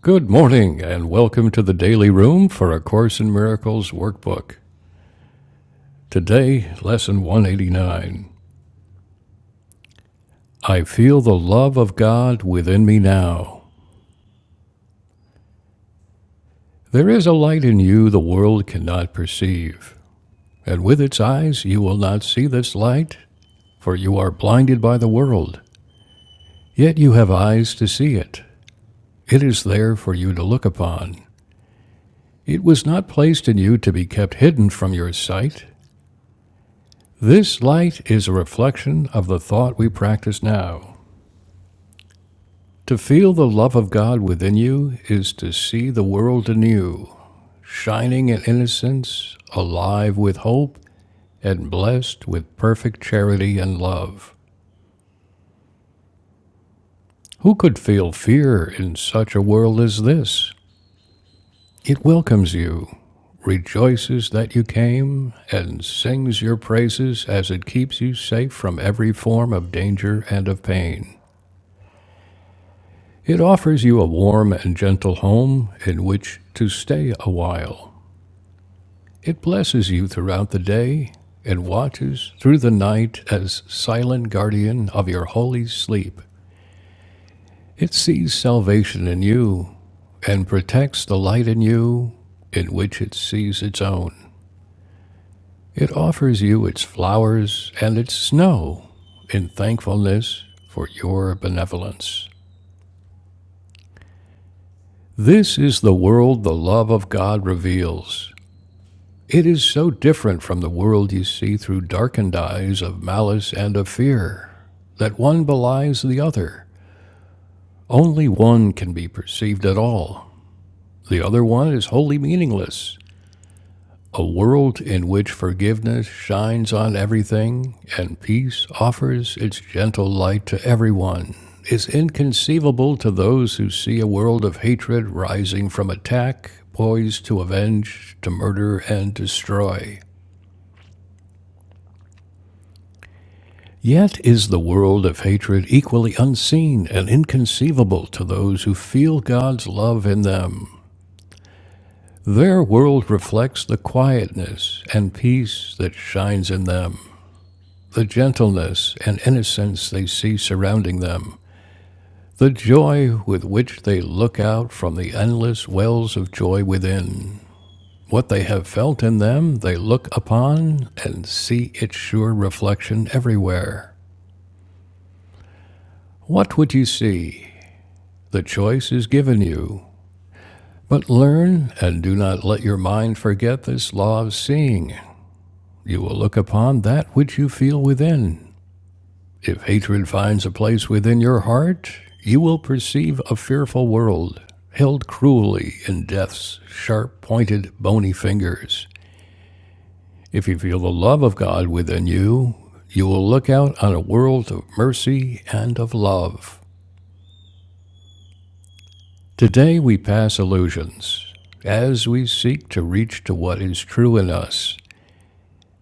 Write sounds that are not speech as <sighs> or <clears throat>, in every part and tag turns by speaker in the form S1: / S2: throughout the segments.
S1: Good morning, and welcome to the Daily Room for A Course in Miracles workbook. Today, Lesson 189 I feel the love of God within me now. There is a light in you the world cannot perceive, and with its eyes you will not see this light, for you are blinded by the world. Yet you have eyes to see it. It is there for you to look upon. It was not placed in you to be kept hidden from your sight. This light is a reflection of the thought we practice now. To feel the love of God within you is to see the world anew, shining in innocence, alive with hope, and blessed with perfect charity and love. Who could feel fear in such a world as this? It welcomes you, rejoices that you came, and sings your praises as it keeps you safe from every form of danger and of pain. It offers you a warm and gentle home in which to stay a while. It blesses you throughout the day and watches through the night as silent guardian of your holy sleep. It sees salvation in you and protects the light in you in which it sees its own. It offers you its flowers and its snow in thankfulness for your benevolence. This is the world the love of God reveals. It is so different from the world you see through darkened eyes of malice and of fear that one belies the other. Only one can be perceived at all. The other one is wholly meaningless. A world in which forgiveness shines on everything and peace offers its gentle light to everyone is inconceivable to those who see a world of hatred rising from attack, poised to avenge, to murder, and destroy. Yet is the world of hatred equally unseen and inconceivable to those who feel God's love in them. Their world reflects the quietness and peace that shines in them, the gentleness and innocence they see surrounding them, the joy with which they look out from the endless wells of joy within. What they have felt in them, they look upon and see its sure reflection everywhere. What would you see? The choice is given you. But learn and do not let your mind forget this law of seeing. You will look upon that which you feel within. If hatred finds a place within your heart, you will perceive a fearful world, held cruelly in death's sharp pointed bony fingers. If you feel the love of God within you, you will look out on a world of mercy and of love. Today we pass illusions as we seek to reach to what is true in us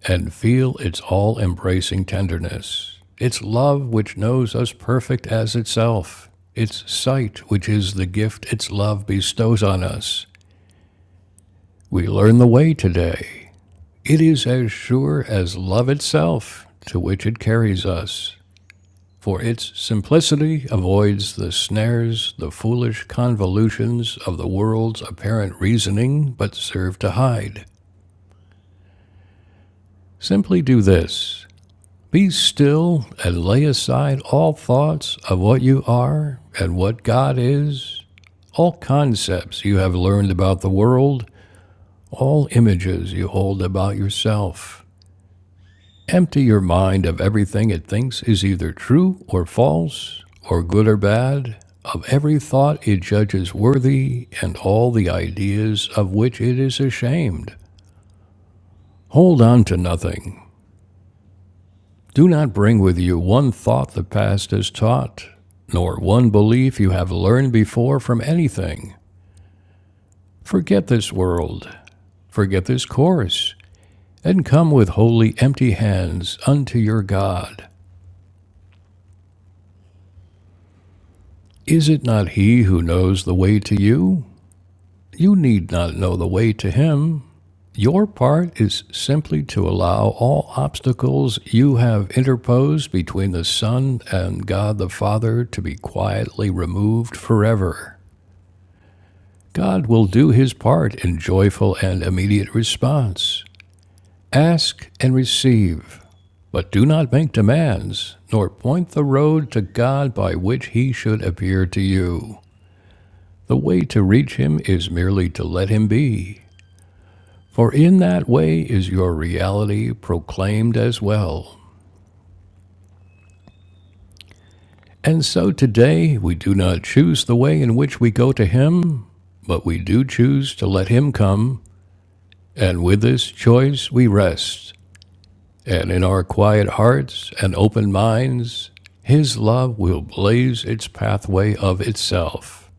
S1: and feel its all embracing tenderness, its love which knows us perfect as itself, its sight which is the gift its love bestows on us. We learn the way today. It is as sure as love itself to which it carries us. for its simplicity avoids the snares, the foolish convolutions of the world's apparent reasoning, but serve to hide. Simply do this be still and lay aside all thoughts of what you are and what God is, all concepts you have learned about the world, all images you hold about yourself. Empty your mind of everything it thinks is either true or false, or good or bad, of every thought it judges worthy, and all the ideas of which it is ashamed. Hold on to nothing. Do not bring with you one thought the past has taught, nor one belief you have learned before from anything. Forget this world, forget this course, and come with wholly empty hands unto your God. Is it not He who knows the way to you? You need not know the way to Him. Your part is simply to allow all obstacles you have interposed between the Son and God the Father to be quietly removed forever. God will do His part in joyful and immediate response. Ask and receive, but do not make demands, nor point the road to God by which He should appear to you. The way to reach Him is merely to let Him be For in that way is your reality proclaimed as well. And so today we do not choose the way in which we go to Him, but we do choose to let Him come, and with this choice we rest. And in our quiet hearts and open minds, His love will blaze its pathway of itself.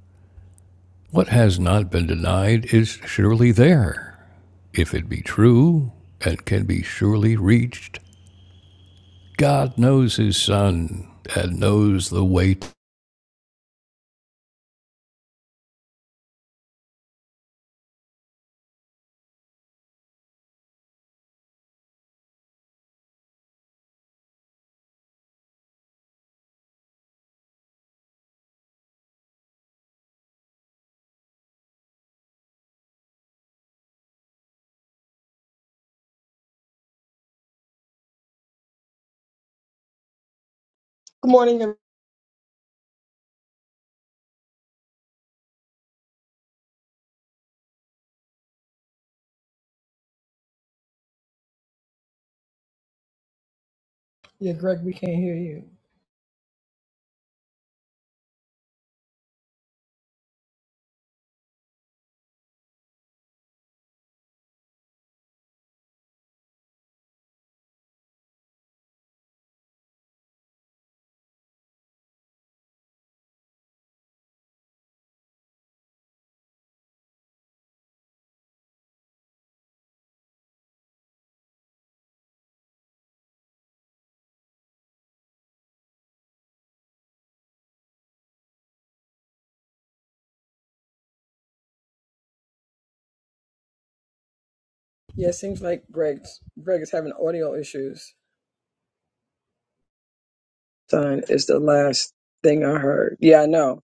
S1: What has not been denied is surely there, if it be true, and can be surely reached God knows his son and knows the weight.
S2: Good morning. ev- Yeah, Greg, we can't hear you. Yeah, it seems like Greg's Greg is having audio issues. Son is the last thing I heard. Yeah, I know.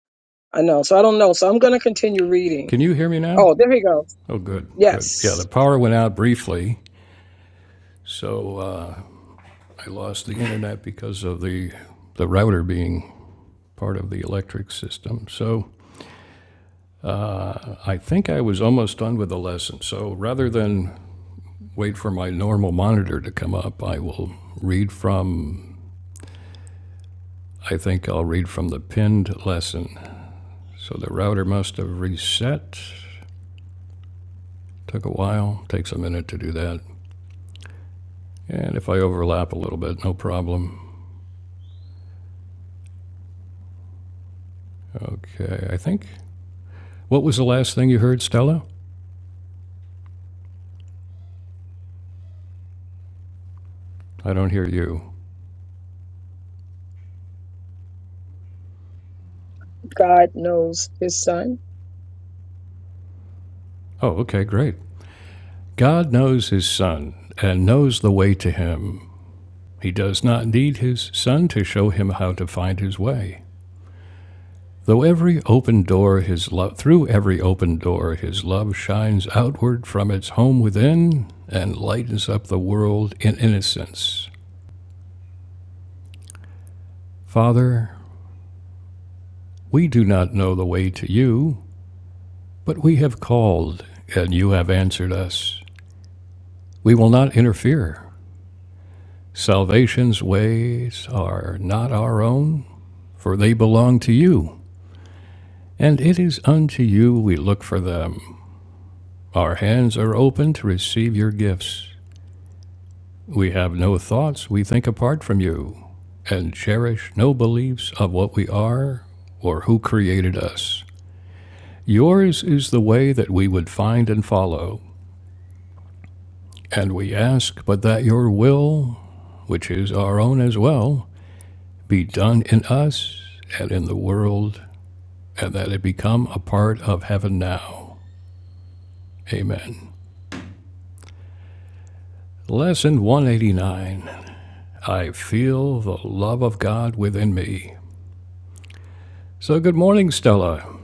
S2: I know. So I don't know. So I'm gonna continue reading.
S1: Can you hear me now?
S2: Oh, there he goes.
S1: Oh, good, good. Yeah,
S2: Yes.
S1: the power went out briefly, so uh, I lost the internet because of the the router being part of the electric system. So uh, I think I was almost done with the lesson. So rather than wait for my normal monitor to come up, I will read from. I think I'll read from the pinned lesson. So the router must have reset. Took a while. Takes a minute to do that. And if I overlap a little bit, no problem. Okay, I think. What was the last thing you heard, Stella? I don't hear you.
S2: God knows his son.
S1: Oh, okay, great. God knows his son and knows the way to him. He does not need his son to show him how to find his way. Though every open door his love through every open door his love shines outward from its home within and lightens up the world in innocence. Father, we do not know the way to you, But we have called, and you have answered us. We will not interfere. Salvation's ways are not our own, for they belong to you. And it is unto you we look for them. Our hands are open to receive your gifts. We have no thoughts we think apart from you, and cherish no beliefs of what we are or who created us. Yours is the way that we would find and follow. And we ask but that your will which is our own as well, be done in us and in the world, and that it become a part of heaven now. Amen. Lesson 189 I feel the love of God within me. So, good morning, Stella,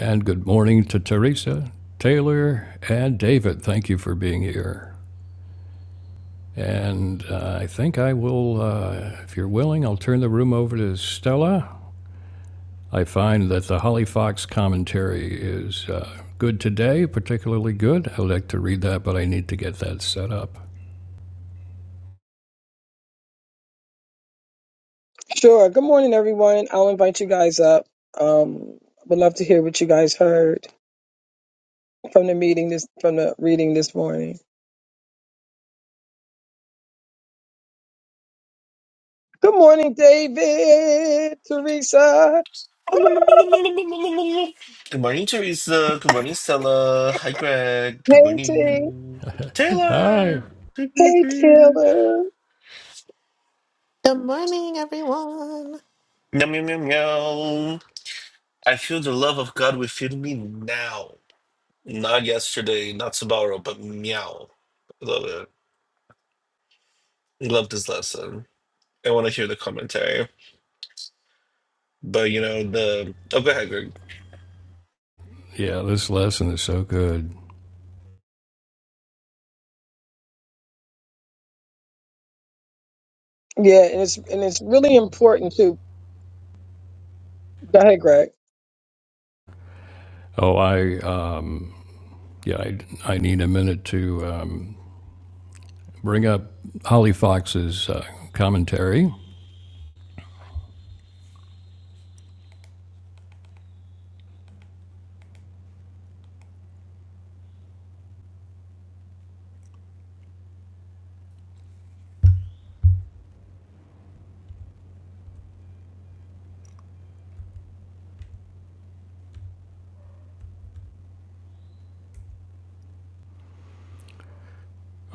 S1: and good morning to Teresa, Taylor, and David. Thank you for being here. And uh, I think I will, uh, if you're willing, I'll turn the room over to Stella. I find that the Holly Fox commentary is uh, good today, particularly good. I'd like to read that, but I need to get that set up.
S2: Sure. Good morning, everyone. I'll invite you guys up. Um would love to hear what you guys heard from the meeting this from the reading this morning. Good morning, David, Teresa.
S3: Good morning, Teresa. Good morning, Stella. Hi, Greg. Good
S2: Hey T.
S3: morning,
S1: Hi.
S3: Taylor.
S2: Hey
S3: Meow,
S2: Taylor.
S4: Good morning, everyone.
S3: meow, meow, meow. I feel the love of God within me now. Not yesterday, not tomorrow, but meow. Love it. Love this lesson. I want to hear the commentary. But, you know, the. Oh, go ahead, Greg.
S1: Yeah, this lesson is so good.
S2: Yeah, and it's and it's really important to go ahead, Greg.
S1: Oh, I uh, yeah, I, I need a minute to um, bring up Holly Fox's uh, commentary.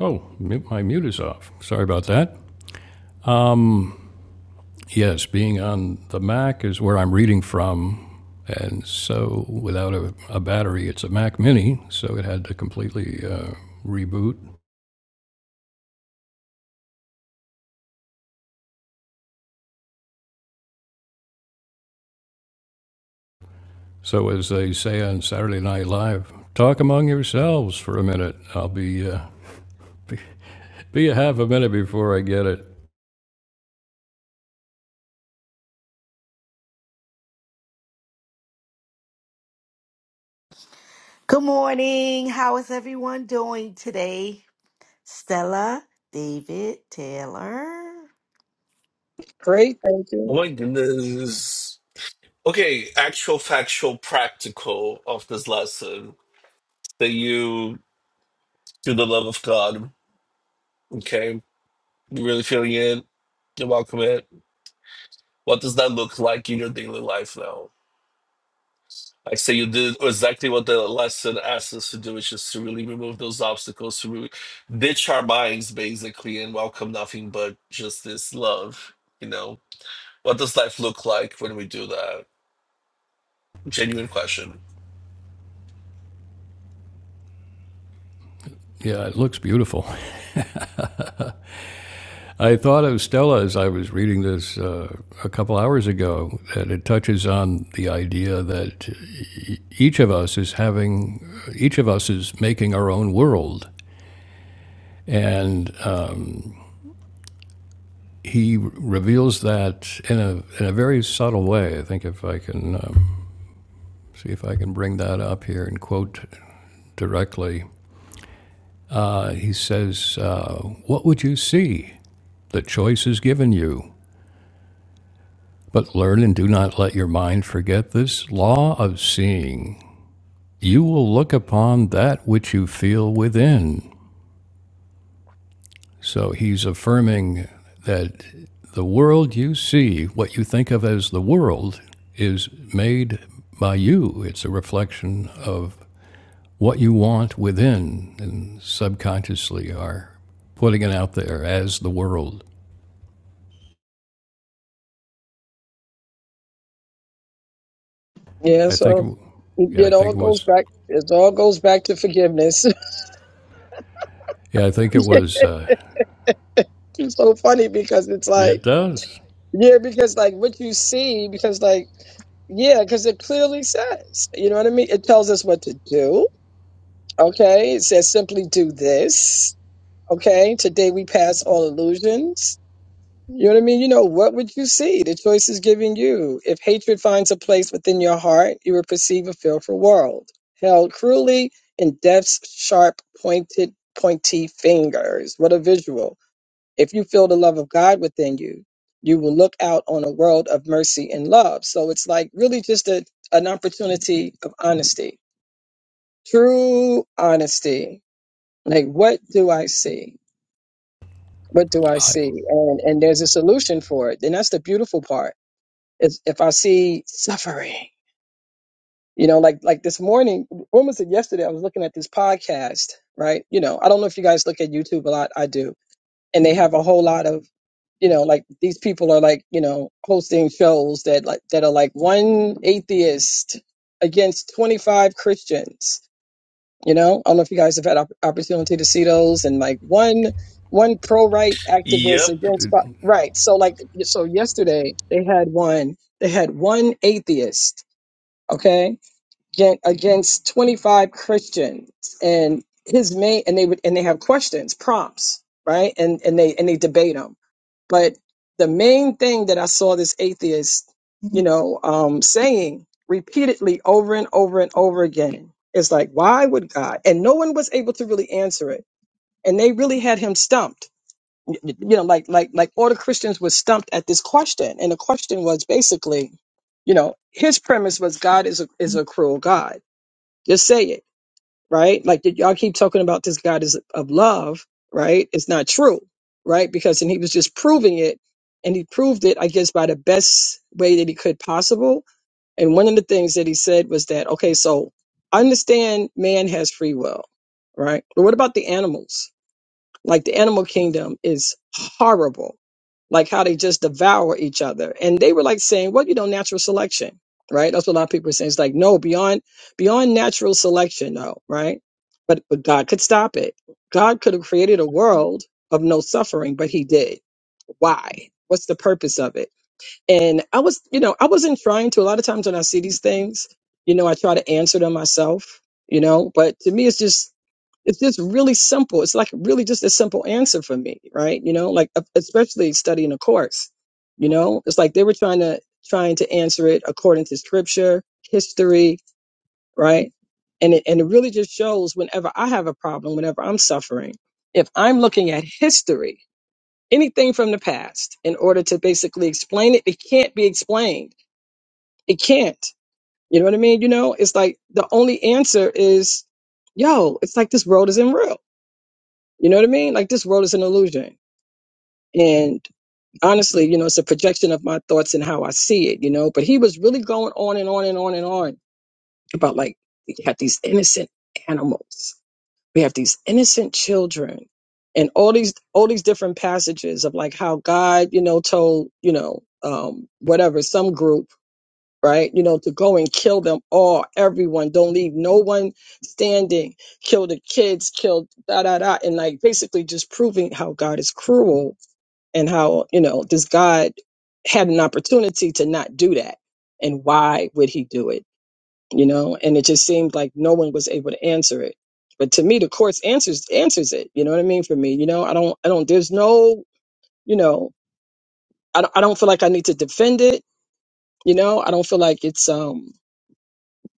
S1: Oh, my mute is off. Sorry about that. Um, Yes, being on the Mac is where I'm reading from. And so, without a, a battery, it's a Mac Mini, so it had to completely uh, reboot. So, as they say on Saturday Night Live, talk among yourselves for a minute. I'll be, uh, be, be a half a minute before I get it.
S5: Good morning. How is everyone doing today? Stella, David, Taylor.
S2: Great, thank
S3: Oh,
S2: you.
S3: my goodness. Okay, actual, factual, practical of this lesson that you to the love of God. Okay, you really feeling it? You're welcome it. What does that look like in your daily life now? I say you did exactly what the lesson asks us to do, which is to really remove those obstacles, to really ditch our minds basically and welcome nothing but just this love. You know, what does life look like when we do that? Genuine question.
S1: Yeah, it looks beautiful. I thought of Stella as I was reading this uh, a couple hours ago, that it touches on the idea that each of us is having, each of us is making our own world And uh, he reveals that in a, in a very subtle way. I think if I can um, see if I can bring that up here and quote directly, uh, he says, uh, What would you see? The choice is given you, but learn and do not let your mind forget this law of seeing. You will look upon that which you feel within. So he's affirming that the world you see, what you think of as the world, is made by you. It's a reflection of what you want within and subconsciously are putting it out there as the world.
S2: Yeah,
S1: I think,
S2: so
S1: it,
S2: it,
S1: yeah, I
S2: it all
S1: think it
S2: goes
S1: was,
S2: back. It all goes back to forgiveness.
S1: yeah, I think it
S2: <laughs>
S1: was, uh,
S2: it's so funny because it's
S1: yeah,
S2: like
S1: it does.
S2: yeah, because like what you see, because like yeah, because it clearly says, you know what I mean. It tells us what to do. Okay, it says simply do this. Okay, today we pass all illusions. You know what I mean? You know, what would you see? The choice is given you. If hatred finds a place within your heart, you will perceive a fearful world, held cruelly in death's sharp, pointed, pointy fingers. What a visual. If you feel the love of God within you, you will look out on a world of mercy and love. So it's like really just a, an opportunity of honesty, true honesty. Like, what do I see? What do I
S1: I,
S2: see? And, and there's a solution for it. And that's the beautiful part is if I see suffering, you know, like like this morning, when was it yesterday? I was looking at this podcast, right? You know, I don't know if you guys look at YouTube a lot. I do, and they have a whole lot of, you know, like these people are like, you know, hosting shows that like that are like one atheist against twenty five Christians you know, I don't know if you guys have had op- opportunity to see those, and like one one pro right activist
S3: Yep,
S2: against
S1: it,
S2: fi- right. So like, so yesterday they had one. They had one atheist, okay, against, against twenty five Christians, and his main and they would and they have questions, prompts, right, and and they and they debate 'em. But the main thing that I saw this atheist, you know, um, saying repeatedly over and over and over again is like, why would God? And no one was able to really answer it. And they really had him stumped. Y- y- You know, like like like all the Christians were stumped at this question. And the question was basically, you know, his premise was God is a is a cruel God. Just say it right? Like did y'all keep talking about this God is of love, right? It's not true, right? Because and he was just proving it, and he proved it, I guess, by the best way that he could possible. And one of the things that he said was that, okay, so I understand man has free will, right? But what about the animals? Like the animal kingdom is horrible. Like how they just devour each other. And they were like saying, well, you know, natural selection, right? That's what a lot of people are saying. It's like, no, beyond beyond natural selection, no, right? But but God could stop it. God could have created a world of no suffering, but he did. Why? What's the purpose of it? And I was, you know, I wasn't trying to. A lot of times when I see these things, you know, I try to answer them myself, you know, but to me it's just it's just really simple. It's like really just a simple answer for me, right? You know, like uh, especially studying a course. You know, it's like they were trying to trying to answer it according to scripture, history, right? And it, and it really just shows whenever I have a problem, whenever I'm suffering, if I'm looking at history, anything from the past, in order to basically explain it, it can't be explained. It can't. You know what I mean? You know, it's like the only answer is, yo, it's like this road isn't real you know what I mean? Like this world is an illusion. And honestly, you know, it's a projection of my thoughts and how I see it, you know. But he was really going on and on and on and on about like we have these innocent animals. We have these innocent children and all these all these different passages of like how God, you know, told, you know, um, whatever, some group right? You know, to go and kill them all, everyone. Don't leave no one standing. Kill the kids, kill da da da. And like basically just proving how God is cruel and how, you know, this God had an opportunity to not do that. And why would he do it? You know, and it just seemed like no one was able to answer it. But to me, the courts answers answers it. You know what I mean? For me, you know, I don't, I don't. There's no, you know, I don't, I don't feel like I need to defend it. You know, I don't feel like it's um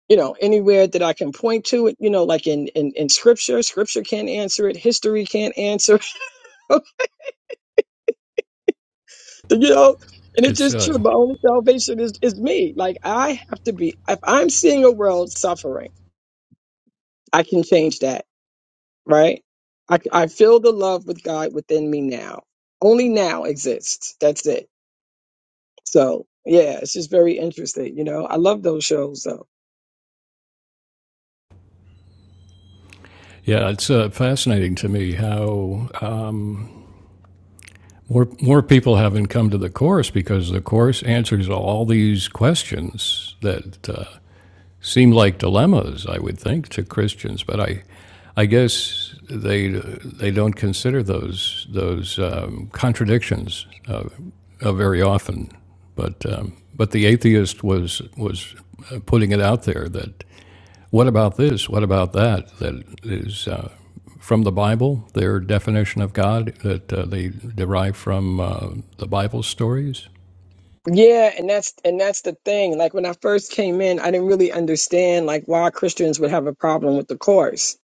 S2: you know anywhere that i can point to it you know like in in, in scripture scripture can't answer it history can't answer <laughs> you know and it's
S1: it's,
S2: just true
S1: uh,
S2: my only salvation is is me like i have to be if i'm seeing a world suffering i can change that right i, I feel the love with god within me now only now exists that's it so yeah it's just very interesting you know i love those shows
S1: yeah, it's uh, fascinating to me how um, More, more people haven't come to the course because the course answers all these questions that uh, seem like dilemmas, I would think, to Christians. But I, I guess they they don't consider those those um, contradictions uh, uh, very often. But um, but the atheist was was uh, putting it out there that what about this? What about that? That is. Uh, from the Bible, their definition of God that uh, they derive from uh, the Bible stories?
S2: Yeah, and that's and that's the thing. Like when I first came in, I didn't really understand like why Christians would have a problem with the course.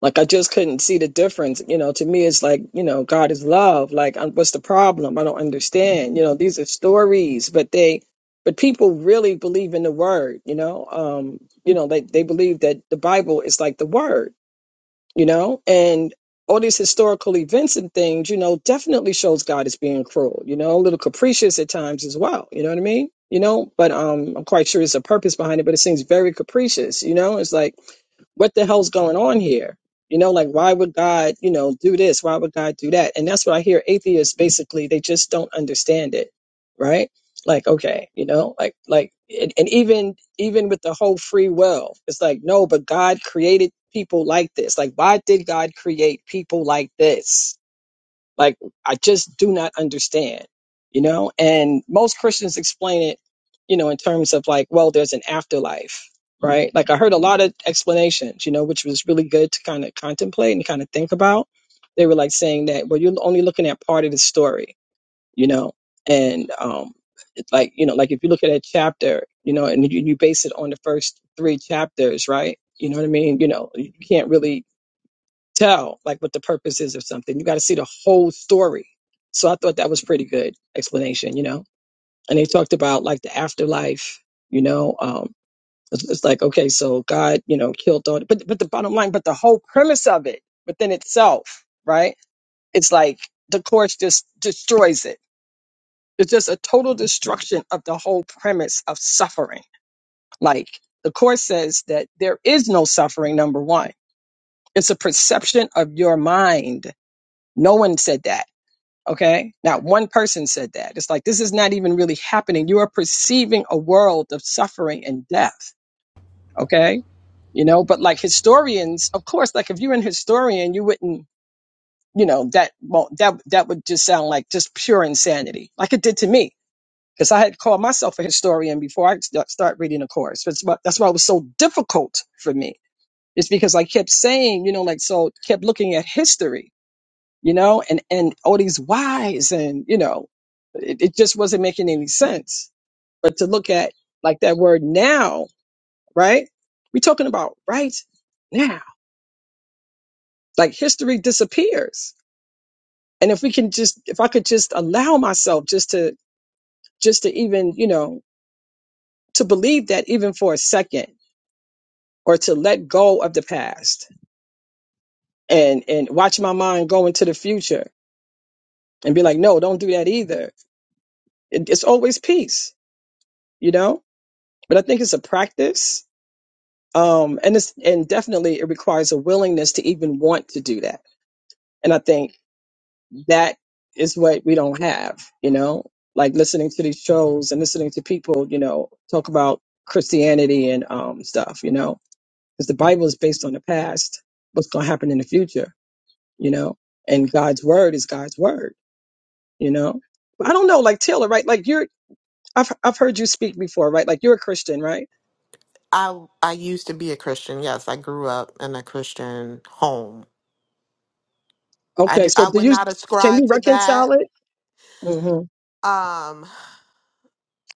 S2: Like I just couldn't see the difference. You know, to me it's like, you know, God is love. Like um, what's the problem? I don't understand. You know, these are stories, but they but people really believe in the word, you know. Um, you know, they they believe that the Bible is like the word you know and all these historical events and things you know definitely shows god is being cruel you know a little capricious at times as well you know what i mean you know but um i'm quite sure there's a purpose behind it but it seems very capricious you know it's like what the hell's going on here? You know, like why would God, you know, do this? Why would God do that? And that's what I hear atheists basically, they just don't understand it, right? Like, okay, you know, like like and, and even even with the whole free will, it's like, no, but God created people like this. Like, why did God create people like this? Like, I just do not understand, you know? And most Christians explain it, you know, in terms of like, well, there's an afterlife, right? Like, I heard a lot of explanations, you know, which was really good to kind of contemplate and kind of think about. They were like saying that, well, you're only looking at part of the story, you know? And um, it's like, you know, like if you look at a chapter, you know, and you, you base it on the first three chapters, right? You know what I mean? You know, you can't really tell like what the purpose is of something. You got to see the whole story. So I thought that was pretty good explanation, you know. And they talked about like the afterlife, you know. Um, it's, it's like okay, so God, you know, killed all. But but the bottom line, but the whole premise of it within itself, right? It's like the course just destroys it. It's just a total destruction of the whole premise of suffering. Like the course says that there is no suffering. Number one, it's a perception of your mind. No one said that Okay. Now one person said that. It's like, this is not even really happening. You are perceiving a world of suffering and death. Okay. You know, but like historians, of course, like if you're an historian, you wouldn't, you know, that won't, that, that would just sound like just pure insanity, like it did to me. Cause I had called myself a historian before I st- start reading a course. That's why, that's why it was so difficult for me. It's because I kept saying, you know, like, so kept looking at history you know, and and all these whys, and you know, it, it just wasn't making any sense. But to look at like that word now, right? We're talking about right now. Like history disappears, and if we can just, if I could just allow myself just to, just to even, you know, to believe that even for a second, or to let go of the past and and watch my mind go into the future and be like, no, don't do that either. It, it's always peace, you know. But I think it's a practice um and it's and definitely it requires a willingness to even want to do that and i think that is what we don't have you know like listening to these shows and listening to people you know talk about christianity and um stuff you know because the bible is based on the past what's going to happen in the future you know and god's word is god's word you know But i don't know like taylor right like you're i've, I've heard you speak before right like you're a christian right
S4: I I used to be a Christian. Yes, I grew up in a Christian home. I
S2: okay
S4: do,
S2: so
S4: I
S2: do
S4: would
S2: you
S4: not ascribe to that.
S2: mm-hmm.
S4: Um,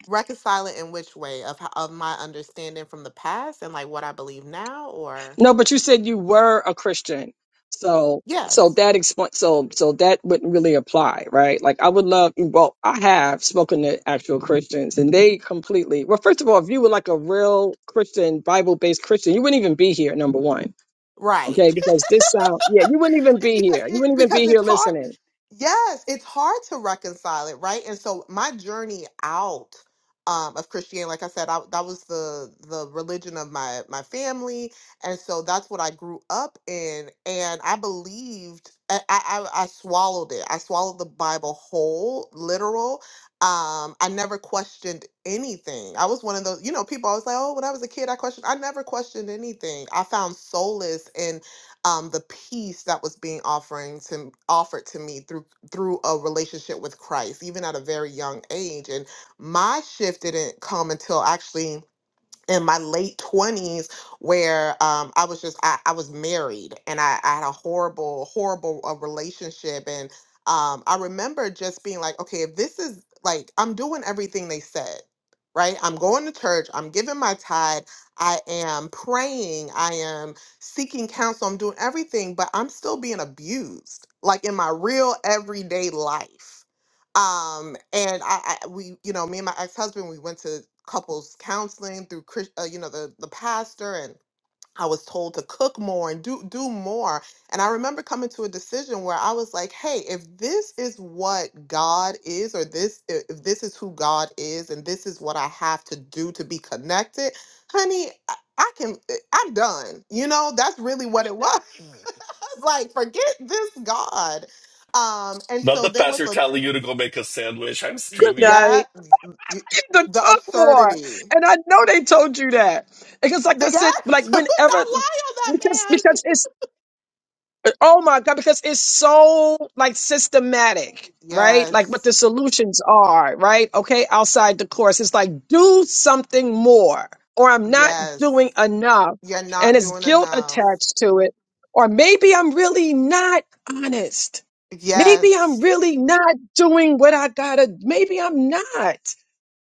S4: reconcile it in which way of h- of my understanding from the past and like what I believe now, or
S2: No, but you said you were a Christian. So so
S4: yes,
S2: that explain so so that wouldn't really apply, right? Like I would love well, I have spoken to actual Christians and they completely well, first of all, if you were like a real Christian, Bible based Christian, you wouldn't even be here, number one.
S4: right?
S2: Okay,
S4: <laughs>
S2: because this sound, yeah, you wouldn't even
S4: It-
S2: be
S4: because
S2: here. You
S4: it,
S2: wouldn't even be
S4: because
S2: here
S4: it's hard.
S2: listening.
S4: Yes, it's hard to reconcile it, right? And so my journey out um, of Christianity, like I said, I, that was the the religion of my my family, and so that's what I grew up in. And I believed, I I, I I swallowed it. I swallowed the Bible whole, literal. Um, I never questioned anything. I was one of those, you know, people always like, oh, when I was a kid, I questioned. I never questioned anything. I found solace in um, the peace that was being offering to offered to me through through a relationship with Christ, even at a very young age. And my shift didn't come until actually in my late twenties where um, I was just I, I was married and I, I had a horrible horrible uh, relationship and um, I remember just being like okay if this is like I'm doing everything they said right I'm going to church I'm giving my tithe I am praying I am seeking counsel I'm doing everything but I'm still being abused like in my real everyday life um and I, I we you know me and my ex-husband we went to couples counseling through Chris, uh, you know the the pastor and I was told to cook more and do do more and I remember coming to a decision where I was like hey if this is what God is or this i- if this is who God is and this is what I have to do to be connected honey I I can eh, I'm done you know that's really what it was <laughs> I was like forget this God um, and
S3: not
S4: so
S3: the
S4: there was
S3: pastor
S4: a
S3: telling you to go make a sandwich. I'm
S4: Y-
S2: Good
S3: screaming.
S4: yeah,
S2: night.
S4: y-
S2: I need to
S4: the
S2: talk more.
S4: absurdity.
S2: And I know they told you that. Because like I
S4: The,
S2: said, like
S4: yes, <laughs> not
S2: whenever
S4: lie on that
S2: because
S4: man.
S2: because it's Oh my God, because it's so like systematic, right? Like what
S4: Yes,
S2: the solutions are, right? Okay, outside the course. It's like do something more, or I'm not
S4: yes,
S2: doing enough.
S4: you're
S2: And
S4: not
S2: it's
S4: doing
S2: guilt
S4: enough.
S2: attached to it. Or maybe I'm really not honest. Maybe I'm
S4: Yes,
S2: really not doing what I gotta. Maybe I'm not.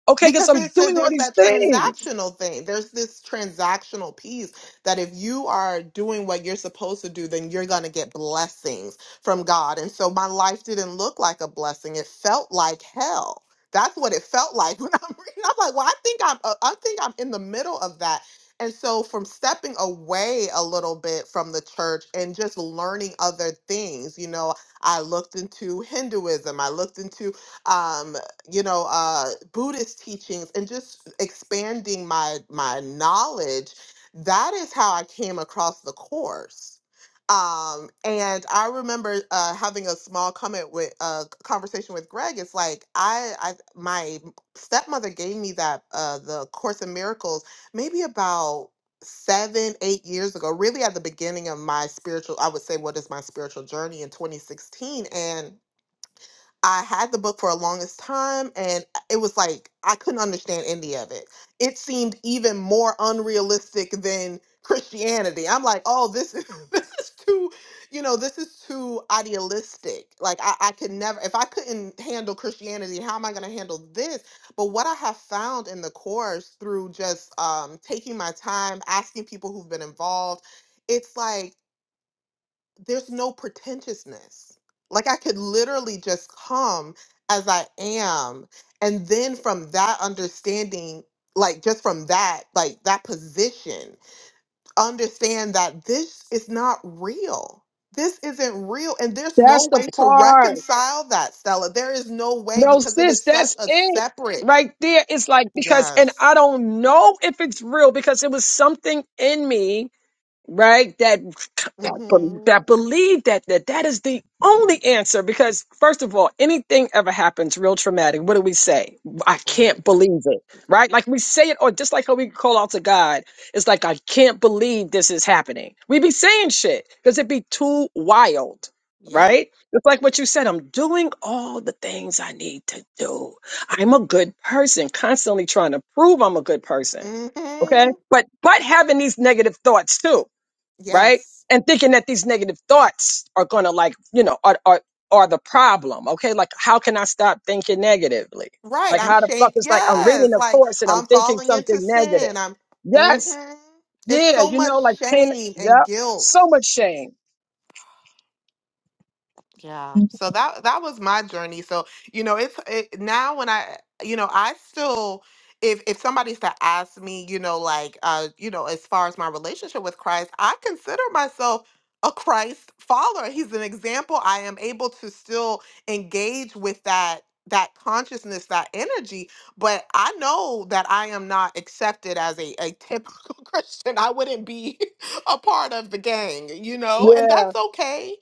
S2: Okay, because
S4: Because
S2: I'm
S4: there's a,
S2: doing all
S4: there's
S2: these
S4: that
S2: things.
S4: transactional thing. There's this transactional piece that if you are doing what you're supposed to do, then you're going to get blessings from God. And so my life didn't look like a blessing. It felt like hell. That's what it felt like <laughs> when I'm reading. I'm like, well, I think I'm uh, I think I'm in the middle of that. And so from stepping away a little bit from the church and just learning other things, you know, I looked into Hinduism. I looked into um, you know uh buddhist teachings and just expanding my my knowledge that is how i came across the course um and i remember uh having a small comment with a uh, conversation with greg it's like i i my stepmother gave me that uh the course in miracles maybe about seven eight years ago really at the beginning of my spiritual i would say what is my spiritual journey in 2016 and I had the book for a longest time and it was like I couldn't understand any of it. It seemed even more unrealistic than Christianity. I'm like, oh, this is <laughs> this is too, you know, this is too idealistic. Like I, I could never if I couldn't handle Christianity, how am I gonna handle this? But what I have found in the course through just um taking my time, asking people who've been involved, it's like there's no pretentiousness. Like I could literally just come as I am. And then from that understanding, like just from that, like that position, understand that this is not real. This isn't real. And there's no
S2: That's the
S4: way to
S2: part.
S4: reconcile that, Stella. There is no way
S2: No,
S4: because it
S2: sis,
S4: is such
S2: that's
S4: a
S2: it
S4: separate.
S2: right there. It's like, because, and I
S4: Yes.
S2: don't know if it's real because it was something in me right? That that,
S4: Mm-hmm.
S2: that believe that, that that is the only answer. Because first of all, anything ever happens real traumatic, what do we say? I
S4: Right.
S2: can't believe it, right? Like we say it, or just like how we call out to God, it's like I can't believe this is happening. We be saying shit because it be too wild.
S4: Yep.
S2: Right? It's like what you said. I'm doing all the things I need to do. I'm a good person, constantly trying to prove I'm a good person. Okay.
S4: Mm-hmm.
S2: But but having these negative thoughts too right?
S4: Yes.
S2: And thinking that these negative thoughts are gonna like, you know, are are are the problem. Okay, like how can I stop thinking negatively?
S4: Right.
S2: Like
S4: I'm
S2: how the
S4: shame.
S2: fuck is like I'm reading
S4: Yes.
S2: a
S4: Like
S2: course and I'm
S4: I'm
S2: thinking
S4: falling
S2: something
S4: into
S2: negative.
S4: sin. I'm.
S2: Yes,
S4: hmm It's
S2: yeah,
S4: so
S2: you know, like
S4: much
S2: pain.
S4: shame and
S2: Yep,
S4: guilt.
S2: so much shame.
S4: Yeah. So that that was my journey. So, you know, it's it, now when I, you know, I still if if somebody's to ask me, you know, like uh, you know, as far as my relationship with Christ, I consider myself a Christ follower. He's an example. I am able to still engage with that that consciousness, that energy, but I know that I am not accepted as a, a typical <laughs> Christian. I wouldn't be <laughs> a part of the gang, you know, and
S2: Yeah,
S4: that's okay.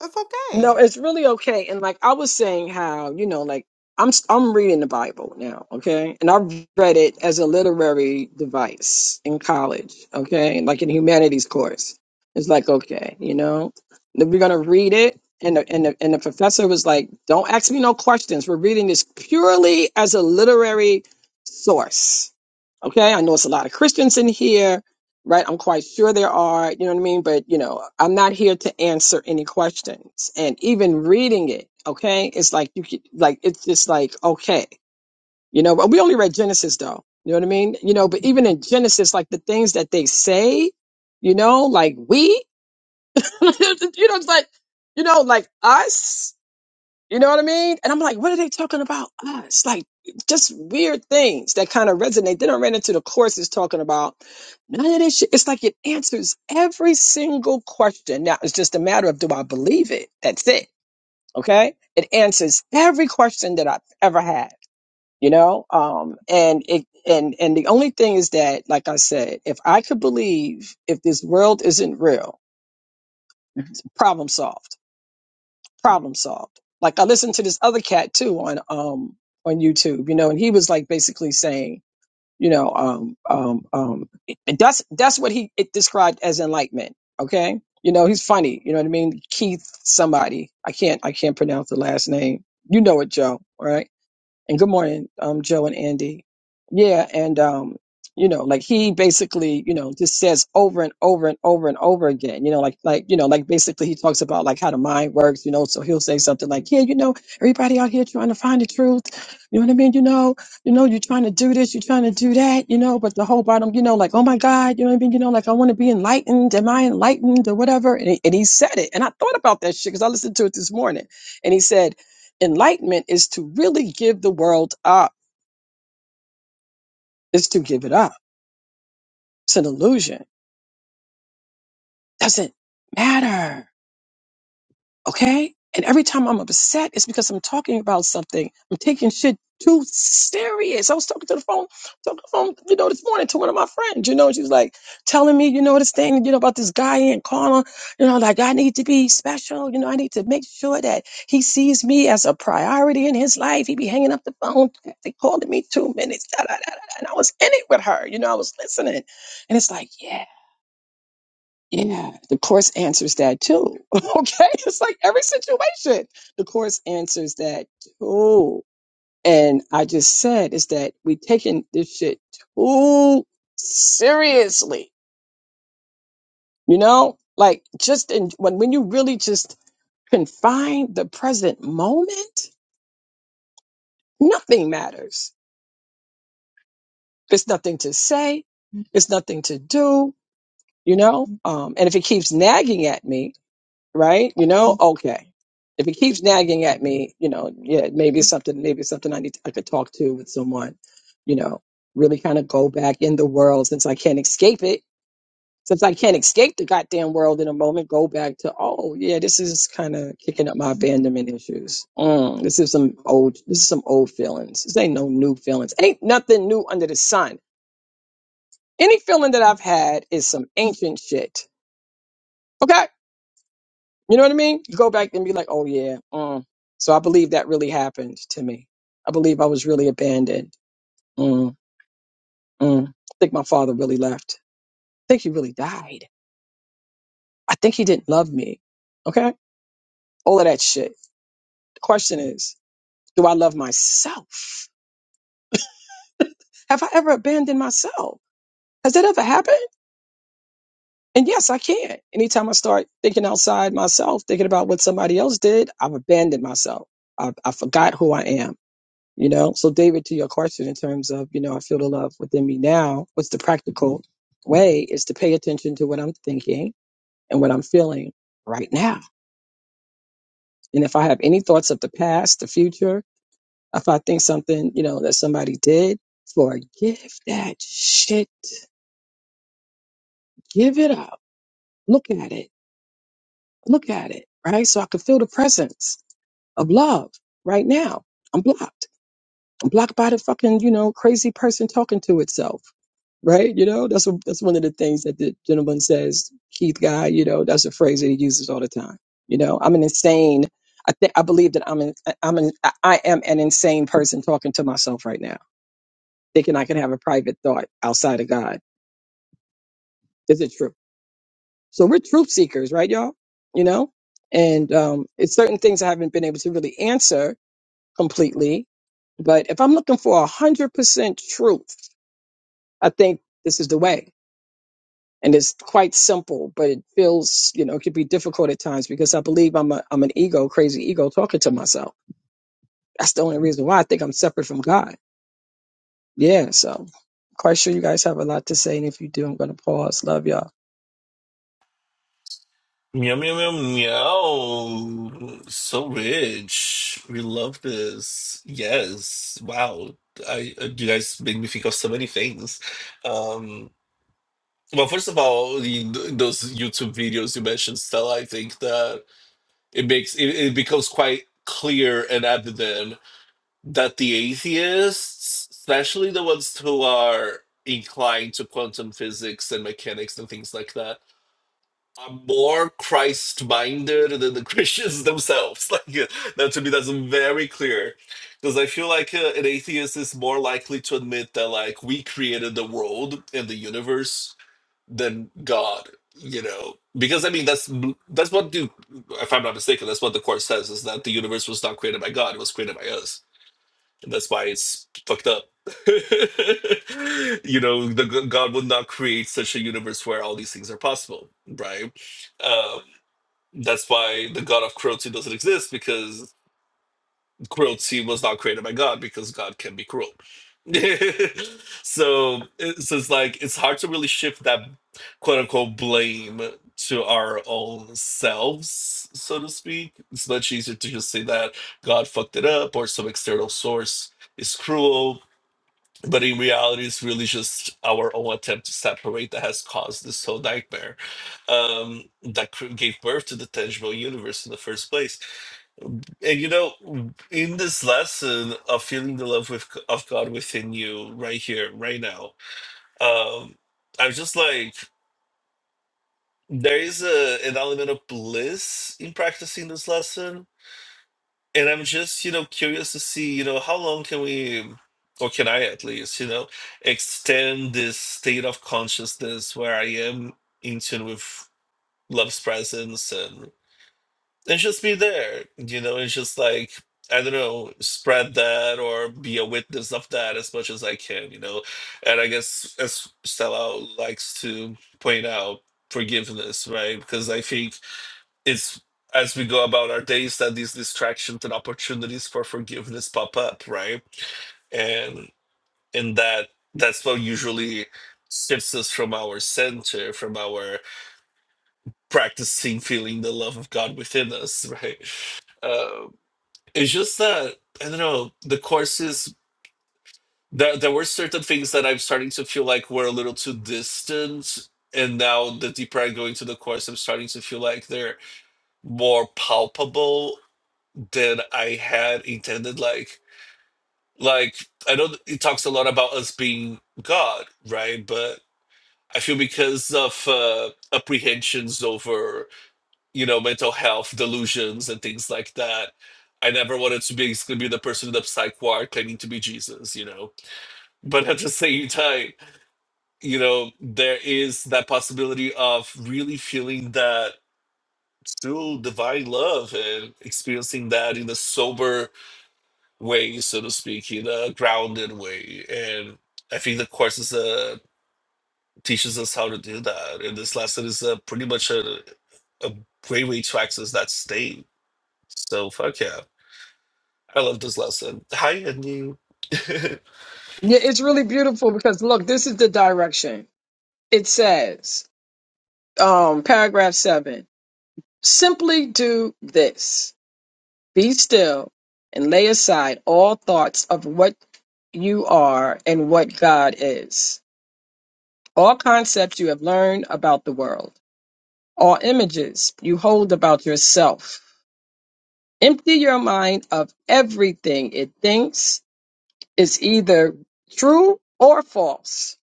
S4: That's okay.
S2: No, it's really okay. And like I was saying, how you know, like I'm I'm reading the Bible now, okay, and I've read it as a literary device in college, okay, like in humanities course. It's like okay, you know, that we're gonna read it, and the, and the, and the professor was like, "Don't ask me no questions. We're reading this purely as a literary source." Okay, I know it's a lot of Christians in here right? I'm quite sure there are, you know what I mean? But, you know, I'm not here to answer any questions. And even reading it, okay, it's like you could, like, it's just like, okay, you know, but we only read Genesis though, you know what I mean? You know, but even in Genesis, like the things that they say, you know, like we, <laughs> you know, it's like, you know, like us. You know what I mean? And I'm like, what are they talking about us? Like, just weird things that kind of resonate. Then I ran into the courses talking about none of this shit. It's like it answers every single question. Now, it's just a matter of do I believe it? That's it. Okay. It answers every question that I've ever had, you know? Um, and it, and, and the only thing is that, like I said, if I could believe if this world isn't real, problem solved problem solved. Like I listened to this other cat too on um on YouTube, you know, and he was like basically saying, you know, um um um and that's that's what he it described as enlightenment. Okay. You know, he's funny, you know what I mean? Keith somebody. I can't I can't pronounce the last name. You know it, Joe, right? and good morning, um, Joe and Andy. Yeah, and um, you know, like he basically, you know, just says over and over and over and over again, you know, like like you know, like basically he talks about like how the mind works, you know. So he'll say something like, Yeah, you know, everybody out here trying to find the truth, you know what I mean? You know, you know, you're trying to do this, you're trying to do that, you know, but the whole bottom, you know, like, oh my God, you know what I mean? You know, like I want to be enlightened, am I enlightened or whatever? And he, and he said it. And I thought about that shit because I listened to it this morning. And he said, enlightenment is to really give the world up, is to give it up. It's an illusion. Doesn't matter. Okay? And every time I'm upset, it's because I'm talking about something. I'm taking shit too serious. I was talking to the phone, talking to the phone, you know, this morning to one of my friends, you know, and she was like telling me, you know, this thing, you know, about this guy in Carla, you know, like I need to be special, you know, I need to make sure that he sees me as a priority in his life. He be hanging up the phone, they calling me two minutes, da, da, da, da, da. and I was in it with her, you know, I was listening. And it's like, yeah. Yeah, the course answers that too. <laughs> Okay, it's like every situation, the course answers that too. And I just said is that we taking this shit too seriously. You know, like just in when when you really just confine the present moment, nothing matters. There's nothing to say. There's nothing to do. You know, um, and if it keeps nagging at me, right? You know, okay. If it keeps nagging at me, you know, yeah, maybe it's something, maybe it's something I need, I could talk to with someone, you know, really kind of go back in the world since I can't escape it. Since I can't escape the goddamn world in a moment, go back to, oh yeah, this is kind of kicking up my abandonment issues. Mm, this is some old, this is some old feelings. This ain't no new feelings. Ain't nothing new under the sun. Any feeling that I've had is some ancient shit. Okay You know what I mean? You go back and be like, oh yeah. Mm. So I believe that really happened to me. I believe I was really abandoned. Mm, mm. I think my father really left. I think he really died. I think he didn't love me. Okay? All of that shit. The question is, do I love myself? Have I ever abandoned myself? Has that ever happened? And yes, I can. Anytime I start thinking outside myself, thinking about what somebody else did, I've abandoned myself. I, I forgot who I am. You know, so David, to your question in terms of, you know, I feel the love within me now, what's the practical way is to pay attention to what I'm thinking and what I'm feeling right now. And if I have any thoughts of the past, the future, if I think something, you know, that somebody did, forgive that shit. Give it up. Look at it. Look at it. Right. So I can feel the presence of love right now. I'm blocked. blocked by the fucking you know crazy person talking to itself right you know that's what that's one of the things that the gentleman says keith guy you know that's a phrase that he uses all the time you know i'm an insane i think i believe that i'm an i'm an i I am an insane person talking to myself right now thinking i can have a private thought outside of god is it true so we're truth seekers right y'all you know and um it's certain things i haven't been able to really answer completely but if i'm looking for a hundred percent truth I think this is the way. And it's quite simple, but it feels, you know, it could be difficult at times because I believe I'm a, I'm an ego, crazy ego talking to myself. That's the only reason why I think I'm separate from God. Yeah. So quite sure you guys have a lot to say. And if you do, I'm going to pause. Love y'all.
S3: Yum, yum, yum, meow. So rich. We love this. Yes. Wow. I uh, you guys make me think of so many things. Um, well, first of all, the, those YouTube videos you mentioned, Stella, I think that it makes it, it becomes quite clear and evident that the atheists, especially the ones who are inclined to quantum physics and mechanics and things like that, are more Christ minded than the Christians themselves. <laughs> Like uh, that to me, that's very clear. Because I feel like uh, an atheist is more likely to admit that like we created the world and the universe than God. You know, because I mean that's that's what the if I'm not mistaken, that's what the course says is that the universe was not created by God; it was created by us and That's why it's fucked up. <laughs> you know, the g- God would not create such a universe where all these things are possible, right? Um, that's why the God of cruelty doesn't exist because cruelty was not created by God because God can be cruel. <laughs> so, it- so it's like it's hard to really shift that quote unquote blame to our own selves, so to speak. It's much easier to just say that God fucked it up or some external source is cruel but in reality it's really just our own attempt to separate that has caused this whole nightmare um, that cr- gave birth to the tangible universe in the first place and you know in this lesson of feeling the love with, of god within you right here right now um, i'm just like there is a, an element of bliss in practicing this lesson and I'm just, you know, curious to see, you know, how long can we, or can I at least, you know, extend this state of consciousness where I am in tune with love's presence and and just be there, you know, and just like I don't know, spread that or be a witness of that as much as I can, you know. And I guess as Stella likes to point out, forgiveness, right? Because I think it's as we go about our days that these distractions and opportunities for forgiveness pop up, right? And and that that's what usually shifts us from our center, from our practicing feeling the love of God within us, <laughs> right? Um, it's just that I don't know. The course is there. There were certain things that I'm starting to feel like were a little too distant, and now the deeper I go into the course, I'm starting to feel like they're more palpable that I had intended. Like, like I know it talks a lot about us being God, right? But I feel because of uh, apprehensions over, you know, mental health delusions and things like that. I never wanted to be to be the person in the psych ward claiming to be Jesus, you know. But at the same time, you know, there is that possibility of really feeling that true divine love and experiencing that in a sober way, so to speak, in a grounded way. And I think the course is uh, teaches us how to do that. And this lesson is uh, pretty much a, a great way to access that state. So fuck yeah, I love this lesson. Hi, and you. <laughs> it
S2: Yeah. It's really beautiful because look, this is the direction it says, um, paragraph seven, simply do this. Be still and lay aside all thoughts of what you are and what God is, all concepts you have learned about the world, all images you hold about yourself. Empty your mind of everything it thinks is either true or false,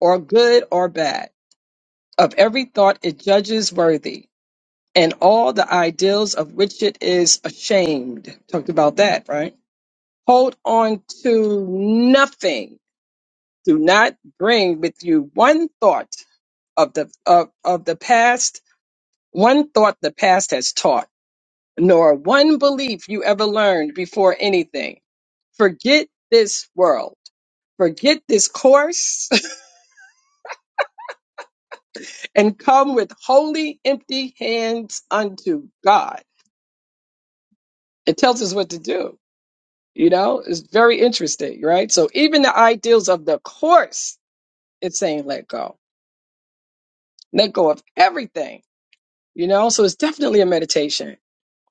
S2: or good or bad, of every thought it judges worthy, and all the ideals of which it is ashamed. Talked about that, right? Hold on to nothing. Do not bring with you one thought of the of, of the past, one thought the past has taught, nor one belief you ever learned before anything. Forget this world. Forget this course <laughs> and come with holy empty hands unto God. It tells us what to do. You know, it's very interesting, right? So even the ideals of the course, it's saying let go let go of everything, you know? So it's definitely a meditation,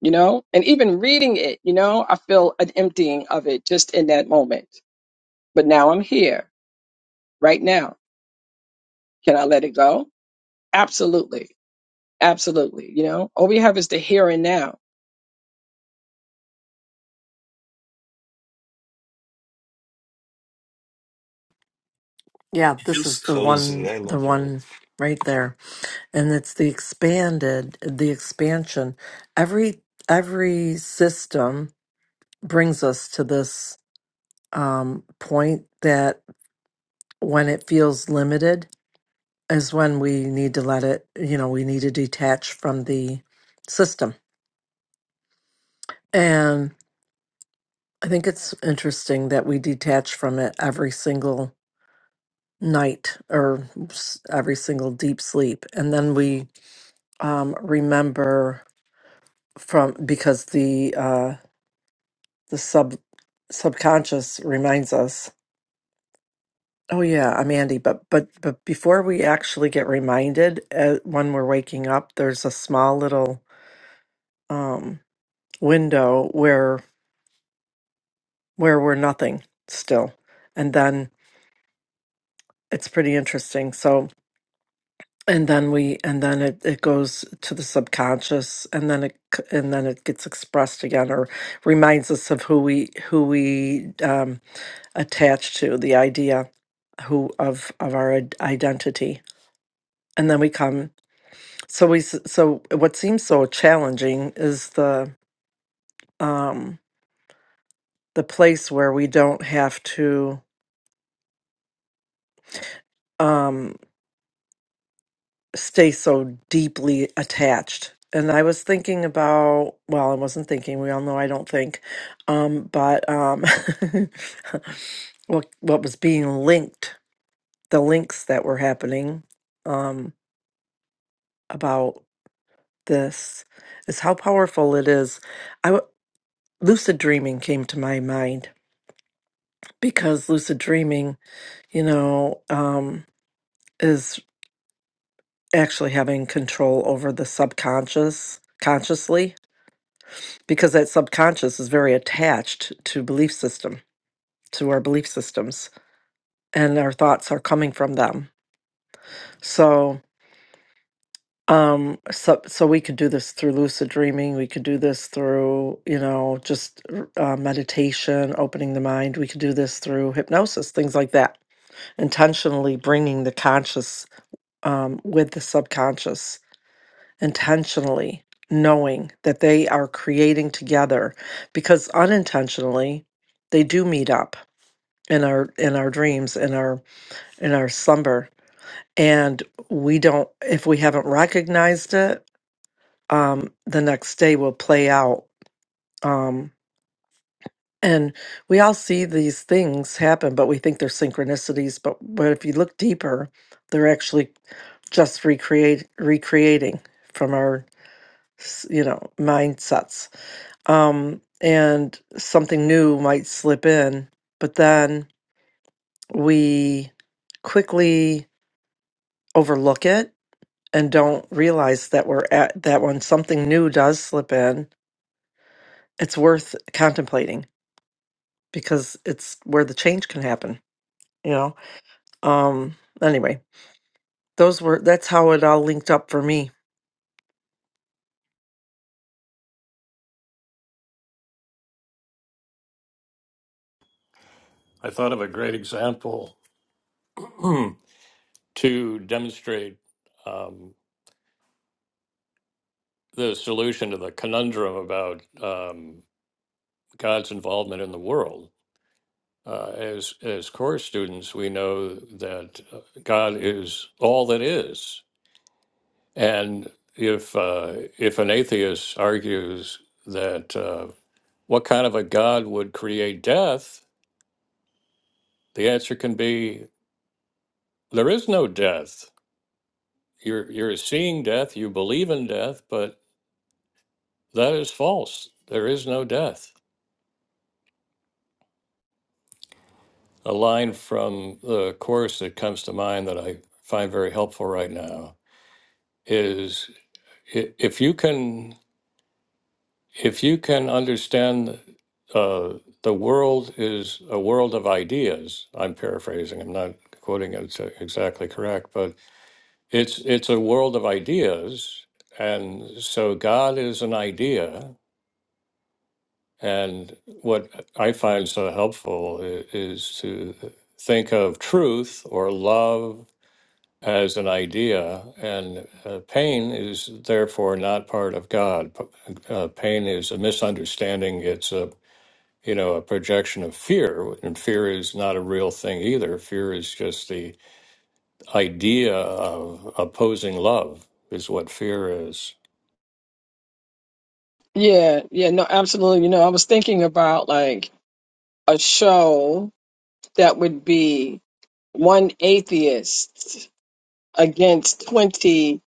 S2: you know? And even reading it, you know, I feel an emptying of it just in that moment. But now I'm here, right now. Can I let it go? Absolutely. Absolutely. You know, all we have is the here and now.
S6: Yeah, this
S3: feels
S6: is the
S3: cozy.
S6: one,
S3: I
S6: the
S3: love it.
S6: one right there, and it's the expanded, the expansion. Every every system brings us to this um, point that when it feels limited is when we need to let it. You know, we need to detach from the system, and I think it's interesting that we detach from it every single night or s- every single deep sleep, and then we um, remember from because the uh the sub subconscious reminds us oh yeah i'm andy but but but before we actually get reminded uh, when we're waking up there's a small little um window where where we're nothing still and then it's pretty interesting so and then we and then it, it goes to the subconscious and then it c- and then it gets expressed again or reminds us of who we who we um attached to the idea who of of our id- identity and then we come so we s- so what seems so challenging is the um the place where we don't have to um stay so deeply attached and i was thinking about well i wasn't thinking we all know i don't think um but um <laughs> what what was being linked the links that were happening um about this is how powerful it is lucid dreaming came to my mind because lucid dreaming, you know, um, is actually having control over the subconscious consciously because that subconscious is very attached to belief system to our belief systems and our thoughts are coming from them so um so so we could do this through lucid dreaming we could do this through you know just uh, meditation opening the mind we could do this through hypnosis things like that intentionally bringing the conscious um, with the subconscious, intentionally knowing that they are creating together because unintentionally they do meet up in our in our dreams in our in our slumber and we don't if we haven't recognized it um the next day will play out Um, And we all see these things happen, but we think they're synchronicities. But but if you look deeper, they're actually just recreate recreating from our s- you know mindsets. Um, and something new might slip in, but then we quickly overlook it and don't realize that we're at that when something new does slip in, it's worth contemplating because it's where the change can happen. You know um anyway those were that's how it all linked up for me
S1: I thought of a great example <clears throat> to demonstrate um, the solution to the conundrum about um, God's involvement in the world. Uh, as as core students, we know that uh, God is all that is, and if uh, if an atheist argues that uh, what kind of a God would create death, The answer can be there is no death. You're you're seeing death, you believe in death, but that is false. There is no death. A line from the course that comes to mind that I find very helpful right now is i- if you can if you can understand uh, the world is a world of ideas. I'm paraphrasing. I'm not quoting it exactly correct, but. It's it's a world of ideas, and so God is an idea. And what I find so helpful i- is to think of truth or love as an idea, and uh, pain is therefore not part of God. P- Uh, pain is a misunderstanding. It's a you know a projection of fear, and fear is not a real thing either. Fear is just the idea of opposing love is what fear is
S2: Yeah. Yeah. No, absolutely. You know, I was thinking about like a show that would be one atheist against 20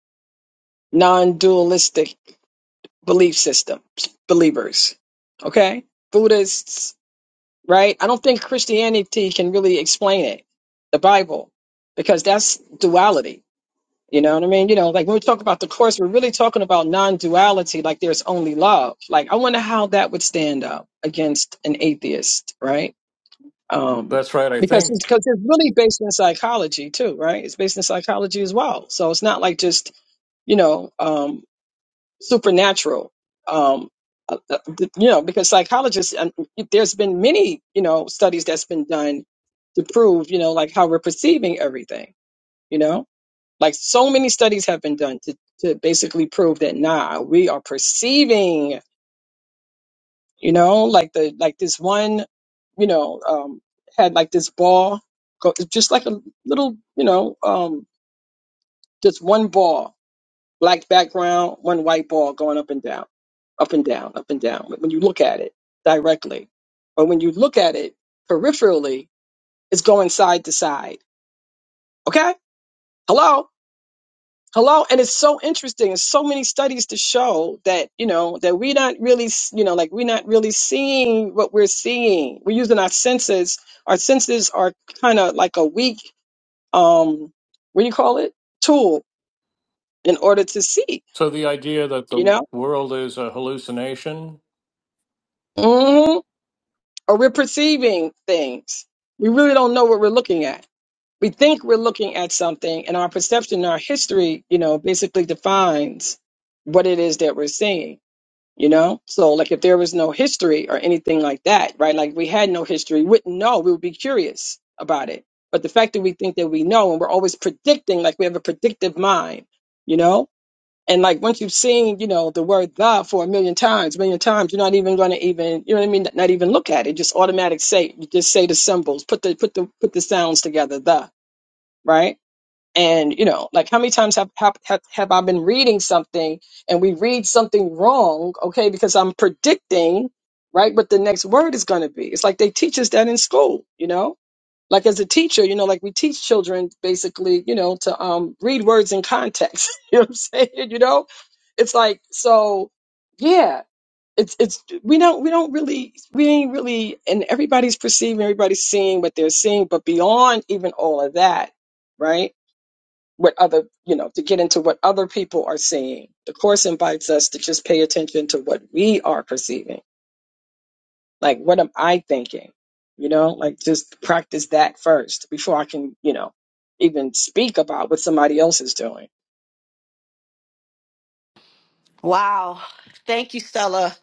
S2: non dualistic belief systems, believers, okay? Buddhists, right? I don't think Christianity can really explain it, the Bible, because that's duality. You know what I mean? You know, like when we talk about the Course, we're really talking about non duality, like there's only love. Like, I wonder how that would stand up against an atheist, right? Um,
S1: That's right. I
S2: because
S1: think
S2: it's, cause it's really based in psychology, too, right? It's based in psychology as well. So it's not like just, you know, um, supernatural. Um, uh, uh, you know, because psychologists, um, there's been many, you know, studies that's been done to prove, you know, like how we're perceiving everything, you know, like so many studies have been done to, to basically prove that, nah, we are perceiving, you know, like the, like this one, you know, um, had like this ball, go, just like a little, you know, um, just one ball black background, one white ball going up and down, up and down, up and down. When you look at it directly, but when you look at it peripherally, it's going side to side. Okay? Hello? Hello? And it's so interesting. There's so many studies to show that, you know, that we're not really, s- you know, like we're not really seeing what we're seeing. We're using our senses. Our senses are kind of like a weak, um, what do you call it? Tool in order to see,
S1: so. The idea that
S2: you
S1: the
S2: know?
S1: world is a hallucination
S2: Mm-hmm. or we're perceiving things. We really don't know what we're looking at. We think we're looking at something, and our perception, our history, you know, basically defines what it is that we're seeing, you know? So, like, if there was no history or anything like that, right? Like, we had no history, we wouldn't know. We would be curious about it. But the fact that we think that we know and we're always predicting, like, we have a predictive mind, you know? And like once you've seen, you know, the word God for a million times, million times, you're not even going to even, you know what I mean? Not even look at it. Just automatic say, you just say the symbols, put the put the put the sounds together, the right. And you know, like how many times have have have, have I been reading something and we read something wrong? Okay, because I'm predicting right what the next word is going to be. It's like they teach us that in school, you know like as a teacher, you know, like we teach children basically, you know, to um read words in context. <laughs> you know what I'm saying? You know? It's like so yeah, it's it's we don't we don't really we ain't really and everybody's perceiving, everybody's seeing what they're seeing, but beyond even all of that, right? What other you know, to get into what other people are seeing. The course invites us to just pay attention to what we are perceiving like, what am I thinking? You know, like just practice that first before I can, you know, even speak about what somebody else is doing.
S5: Wow. Thank you, Stella.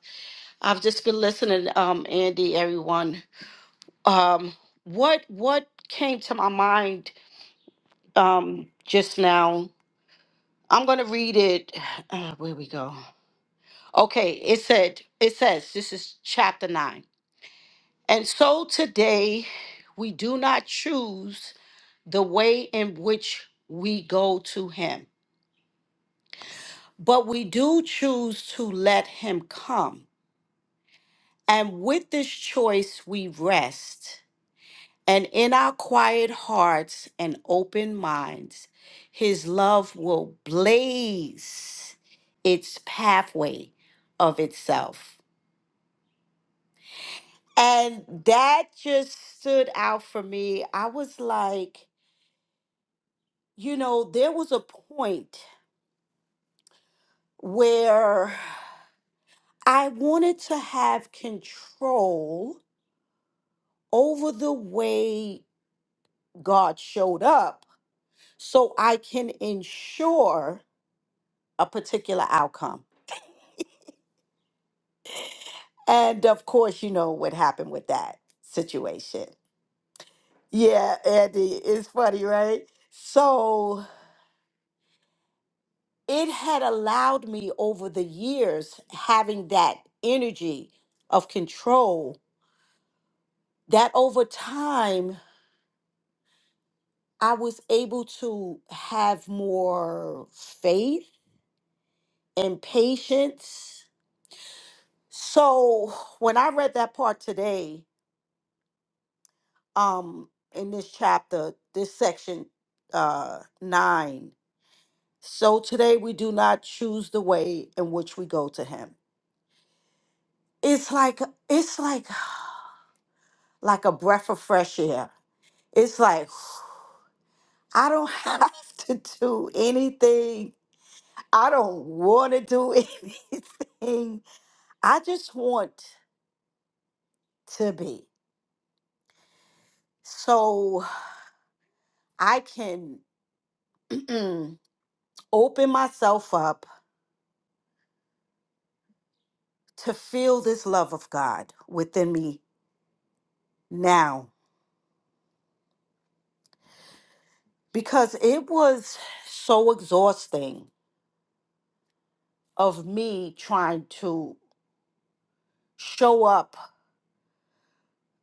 S5: I've just been listening, um, Andy, everyone. Um, what what came to my mind um just now? I'm gonna read it. <sighs> Uh, where we go. Okay, it said, it says, this is chapter nine. And so today we do not choose the way in which we go to him. but we do choose to let him come. And with this choice, we rest. And in our quiet hearts and open minds, his love will blaze its pathway of itself. And that just stood out for me. I was like, you know, there was a point where I wanted to have control over the way God showed up so I can ensure a particular outcome. And of course, you know what happened with that situation. Yeah, Andy, it's funny, right? So it had allowed me over the years having that energy of control that over time I was able to have more faith and patience So when I read that part today, um, in this chapter, this section uh nine. So today we do not choose the way in which we go to him. It's like it's like like a breath of fresh air. It's like <sighs> I don't have <laughs> to do anything. I don't want to do <laughs> anything. I just want to be. So I can <clears throat> open myself up to feel this love of God within me now because it was so exhausting of me trying to show up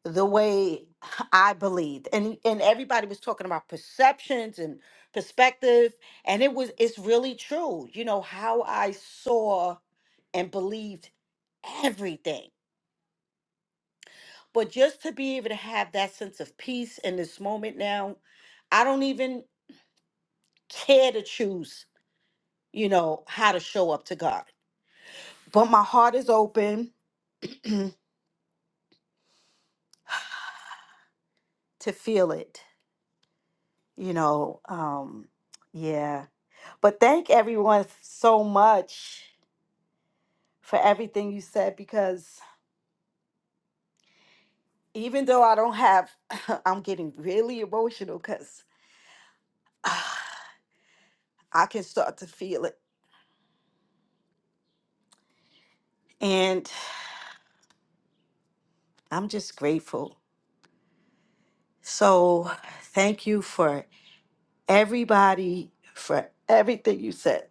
S5: the way I believed. And and everybody was talking about perceptions and perspective and it was it's really true. You know how I saw and believed everything. But just to be able to have that sense of peace in this moment now, I don't even care to choose you know, how to show up to God. But my heart is open <clears throat> to feel it, you know. Um, yeah. But thank everyone so much for everything you said because even though I don't have, <laughs> I'm getting really emotional because <sighs> I can start to feel it. And I'm just grateful. So thank you for everybody for everything you said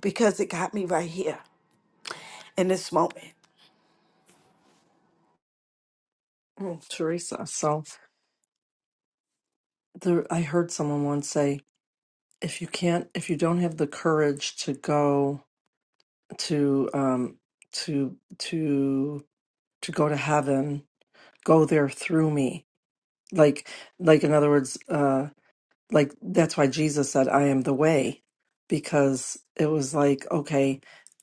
S5: because it got me right here in this moment.
S6: oh, teresa so there, i heard someone once say if you can't if you don't have the courage to go to um to to to go to heaven go there through me like like in other words uh, like that's why Jesus said, I am the way, because it was like, okay,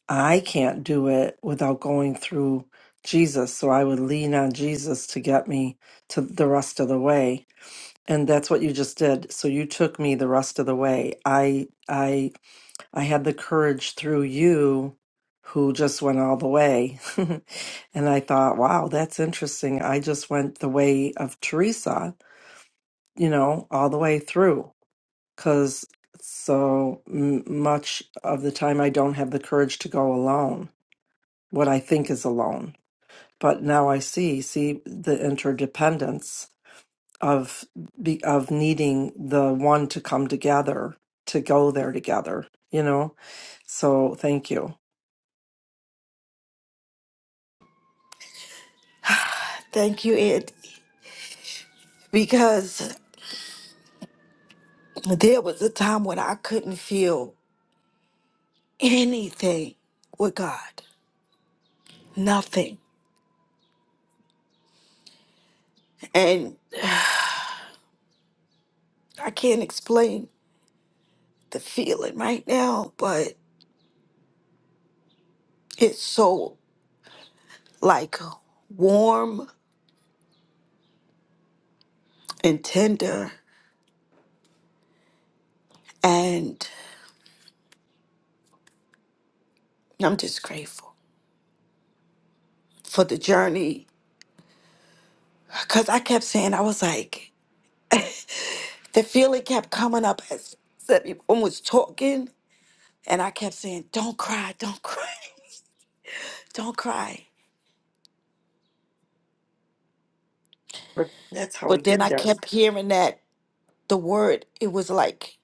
S6: I can't do it without going through Jesus. So I would lean on Jesus to get me to the rest of the way. And that's what you just did. So you took me the rest of the way. I I I had the courage through you who just went all the way. <laughs> and I thought, wow, that's interesting. I just went the way of Teresa, you know, all the way through because so m- much of the time I don't have the courage to go alone, what I think is alone. But now I see, see the interdependence of be- of needing the one to come together to go there together. You know, so thank you.
S5: Thank you, Ed, because there was a time when I couldn't feel anything with God, nothing. And I can't explain the feeling right now, but it's so like warm and tender. And I'm just grateful for the journey because I kept saying, I was like, the feeling kept coming up as everyone was talking. And I kept saying, don't cry, don't cry, <laughs> don't cry.
S6: But That's how we
S5: But then
S6: get
S5: I
S6: there.
S5: kept hearing that the word, it was like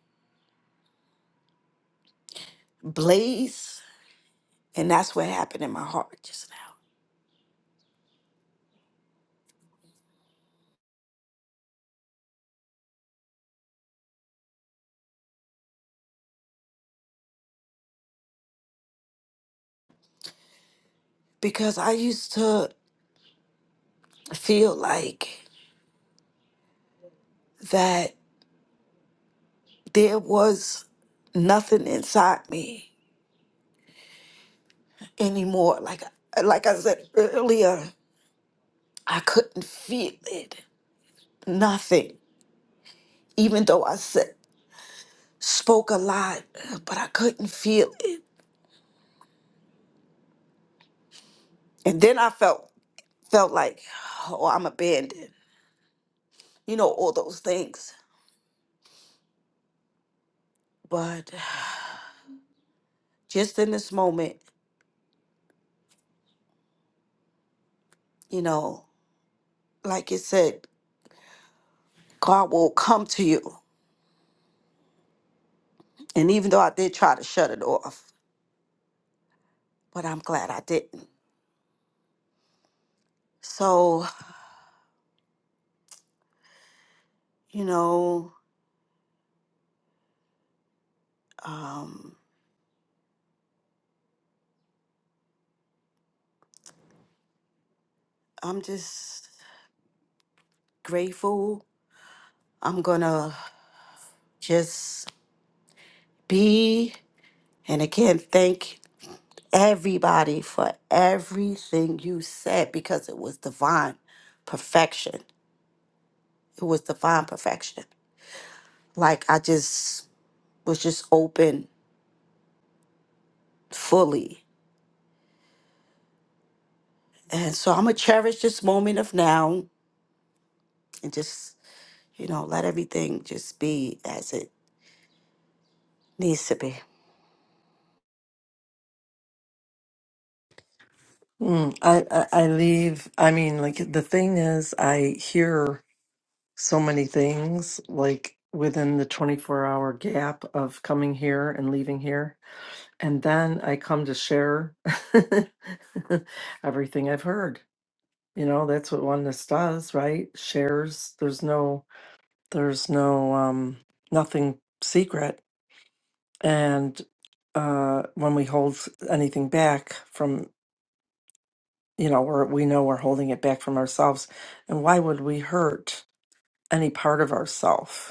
S5: blaze. And that's what happened in my heart just now. Because I used to feel like that there was nothing inside me anymore. Like like I said earlier, I couldn't feel it. Nothing. Even though I said spoke a lot, but I couldn't feel it. And then I felt felt like, oh, I'm abandoned. You know, all those things. But just in this moment, you know, like it said, God will come to you. And even though I did try to shut it off, but I'm glad I didn't. So, you know, um, I'm just grateful. I'm going to just be, and again, thank everybody for everything you said because it was divine perfection. It was divine perfection. Like I just was just open fully. And so I'm going to cherish this moment of now and just, you know, let everything just be as it needs to be.
S6: Mm, I, I I leave. I mean, like the thing is, I hear. so many things like within the 24 hour gap of coming here and leaving here and then i come to share <laughs> everything i've heard you know that's what oneness does right shares there's no there's no um nothing secret and uh when we hold anything back from you know we're, we know we're holding it back from ourselves and why would we hurt any part of ourself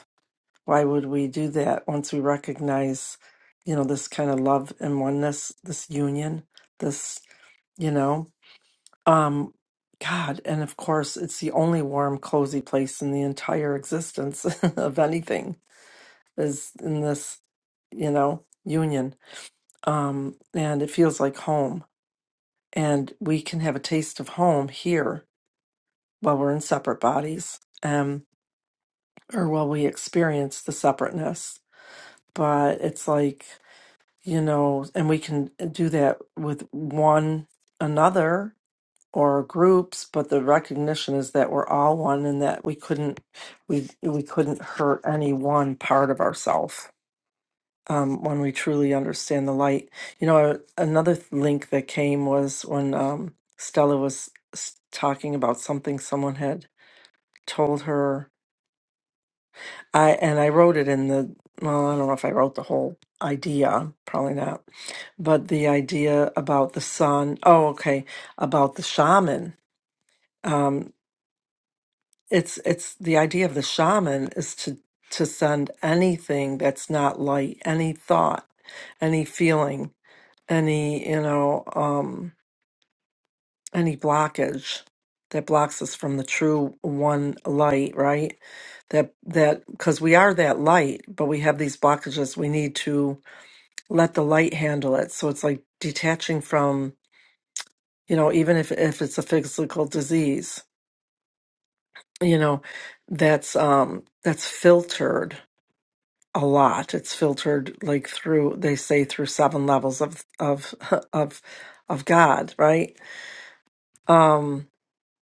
S6: Why would we do that once we recognize, you know, this kind of love and oneness, this union, this, you know, um, God, and of course, it's the only warm, cozy place in the entire existence <laughs> of anything is in this, you know, union. Um, and it feels like home. And we can have a taste of home here while we're in separate bodies, um, or while we experience the separateness. But it's like you know, and we can do that with one another or groups, but the recognition is that we're all one and that we couldn't we we couldn't hurt any one part of ourself um, when we truly understand the light. You know, another th- link that came was when um, Stella was s- talking about something someone had told her I and I wrote it in the well, I don't know if I wrote the whole idea, probably not, but the idea about the sun. Oh, okay, about the shaman. Um, it's it's the idea of the shaman is to to send anything that's not light, any thought, any feeling, any you know. Um, any blockage that blocks us from the true one light, right? That that because we are that light, but we have these blockages. We need to let the light handle it. So it's like detaching from, you know, even if if it's a physical disease, you know, that's um that's filtered a lot. It's filtered like through they say through seven levels of of <laughs> of of God, right? Um,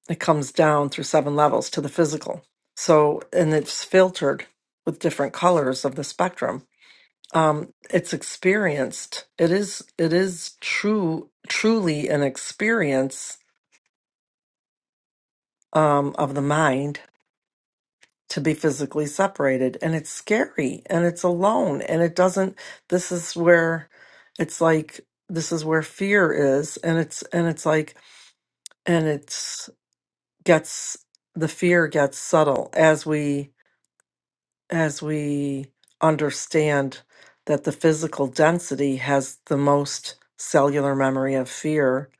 S6: It comes down through seven levels to the physical. So, and it's filtered with different colors of the spectrum. Um, it's experienced. It is. It is true. Truly, an experience um, of the mind to be physically separated, and it's scary, and it's alone, and it doesn't. This is where it's like. This is where fear is, and it's and it's like and it's gets the fear gets subtle as we as we understand that the physical density has the most cellular memory of fear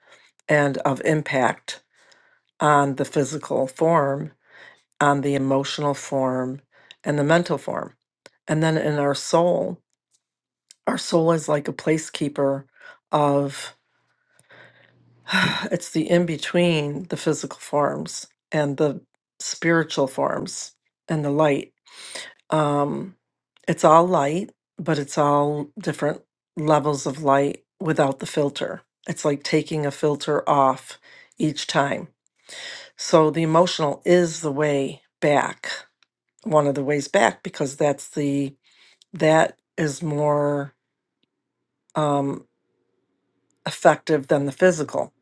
S6: and of impact on the physical form, on the emotional form, and the mental form. And then in our soul, our soul is like a placekeeper of <sighs> it's the in between the physical forms and the spiritual forms and the light. Um, it's all light, but it's all different levels of light without the filter. It's like taking a filter off each time. So the emotional is the way back, one of the ways back, because that's the that is more um, effective than the physical.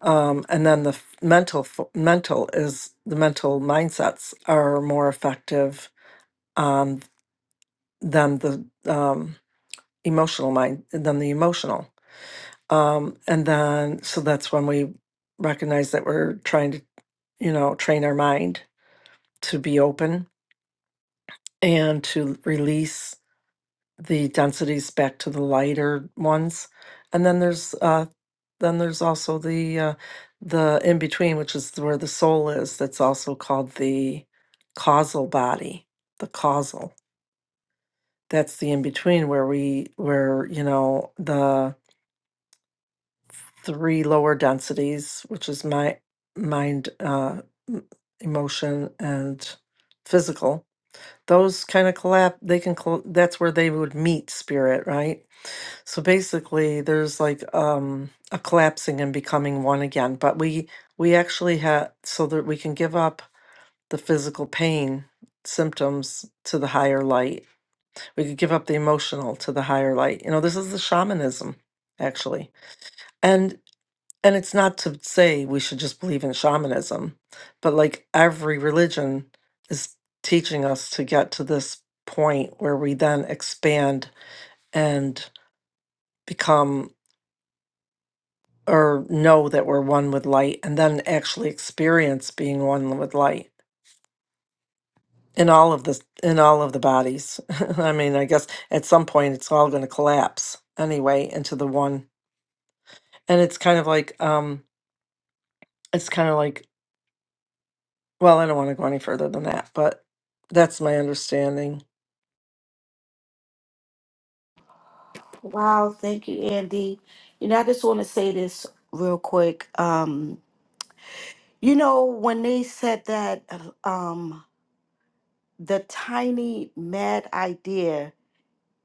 S6: Um, and then the f- mental f- mental is the mental mindsets are more effective on than the um, emotional mind than the emotional. Um, and then, so that's when we recognize that we're trying to, you know, train our mind to be open and to release the densities back to the lighter ones. And then there's, uh, then there's also the, uh, the in between, which is where the soul is. That's also called the causal body, the causal. That's the in between where we, where, you know, the, three lower densities, which is my mind, uh, m- emotion, and physical. Those kind of collapse. They can. Col- that's where they would meet spirit, right? So basically, there's like um, a collapsing and becoming one again. But we we actually have so that we can give up the physical pain symptoms to the higher light. We could give up the emotional to the higher light. You know, this is the shamanism, actually. and and it's not to say we should just believe in shamanism, but like every religion is teaching us to get to this point where we then expand and become or know that we're one with light and then actually experience being one with light in all of this in all of the bodies <laughs> i mean i guess at some point it's all going to collapse anyway into the one and it's kind of like um it's kind of like Well, I don't want to go any further than that, but that's my understanding.
S5: Wow. Thank you, Andy. You know, I just want to say this real quick. Um, you know, when they said that um, the tiny mad idea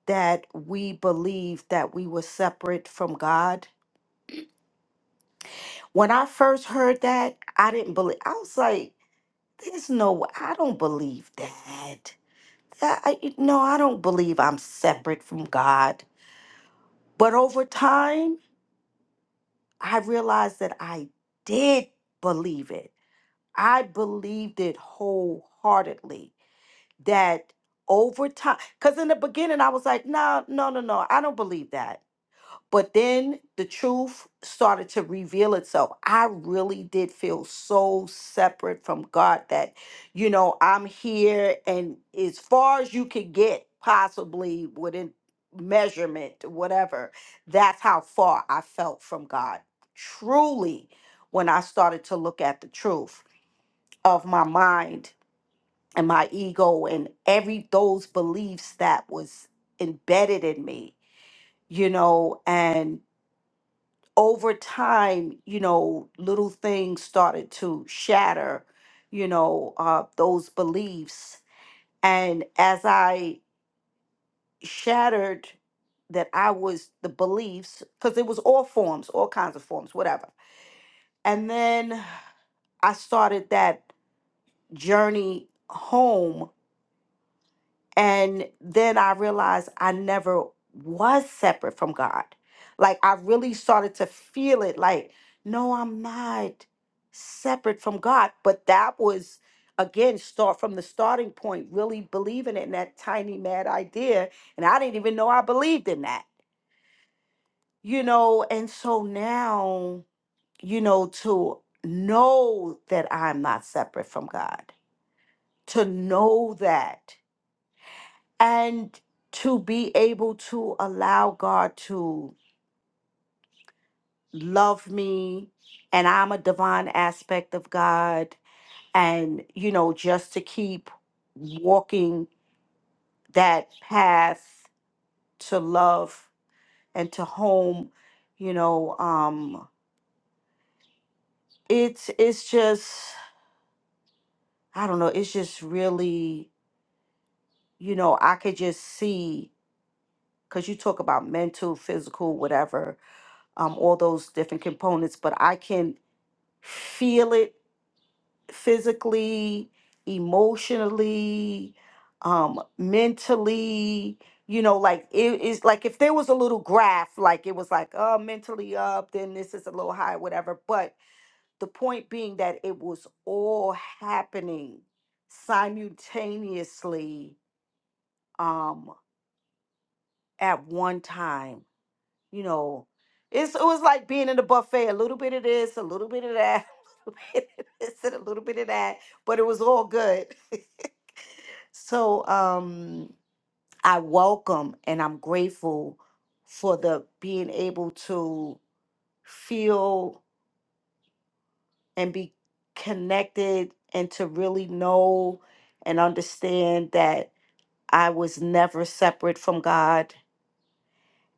S5: that we believed that we were separate from God, when I first heard that, I didn't believe, I was like, there's no, way. I don't believe that that I, you know, I don't believe I'm separate from God. But over time, I realized that I did believe it. I believed it wholeheartedly that over time, because in the beginning, I was like, no, no, no, no, I don't believe that. But then the truth started to reveal itself. I really did feel so separate from God that, you know, I'm here and as far as you could get, possibly within measurement, whatever, that's how far I felt from God. Truly, when I started to look at the truth of my mind and my ego and every those beliefs that was embedded in me, you know, and over time, you know, little things started to shatter, you know, uh, those beliefs. And as I shattered that I was the beliefs, because it was all forms, all kinds of forms, whatever. And then I started that journey home And then I realized I never was separate from God. Like I really started to feel it like, no, I'm not separate from God. But that was, again, start from the starting point, really believing in that tiny mad idea. And I didn't even know I believed in that, you know? And so now, you know, to know that I'm not separate from God, to know that. and to be able to allow God to love me and I'm a divine aspect of God and you know just to keep walking that path to love and to home you know um it's it's just I don't know it's just really you know I could just see cuz you talk about mental physical whatever um all those different components but I can feel it physically, emotionally, um, mentally. You know, like it is like if there was a little graph, like it was like, oh, mentally up, then this is a little high, whatever. But the point being that it was all happening simultaneously um, at one time you know, it's it was like being in a buffet, a little bit of this, a little bit of that, <laughs> a little bit of this and a little bit of that, but it was all good. <laughs> So um I welcome and I'm grateful for the being able to feel and be connected and to really know and understand that I was never separate from God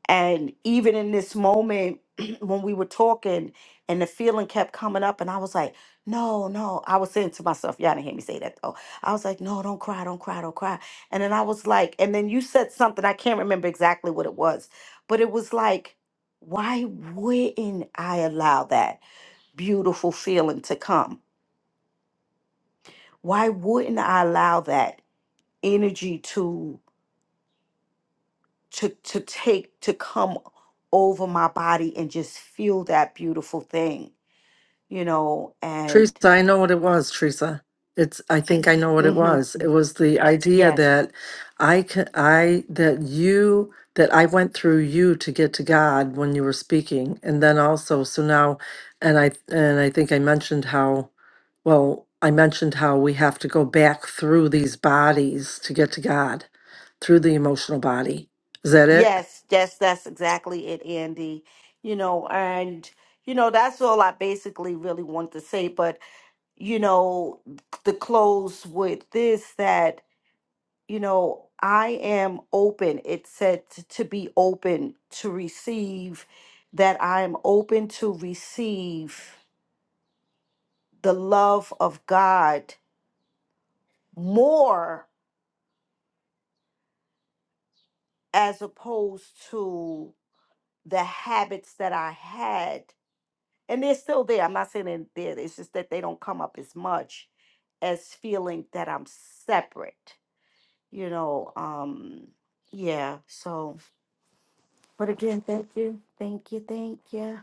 S5: And even in this moment <clears throat> when we were talking and the feeling kept coming up, and I was like, no, no. I was saying to myself, y'all didn't hear me say that though. I was like, no, don't cry, don't cry, don't cry. And then I was like, and then you said something, I can't remember exactly what it was, but it was like, why wouldn't I allow that beautiful feeling to come? Why wouldn't I allow that energy to to take to come over my body and just feel that beautiful thing you know
S6: Teresa,
S5: and
S6: I know what it was, Teresa. It's I think I know what it
S5: hmm
S6: was. It was the idea
S5: yes
S6: that I can I that you that I went through you to get to God when you were speaking. And then also so now and I and I think I mentioned how well, I mentioned how we have to go back through these bodies to get to God, through the emotional body. Is that it?
S5: yes yes that's exactly it andy you know and you know that's all i basically really want to say but you know the close with this that you know i am open it said t- to be open to receive that i am open to receive the love of God more as opposed to the habits that I had. And they're still there. I'm not saying they're there. It's just that they don't come up as much as feeling that I'm separate. You know, um, yeah. So but again, thank you. Thank you, thank you.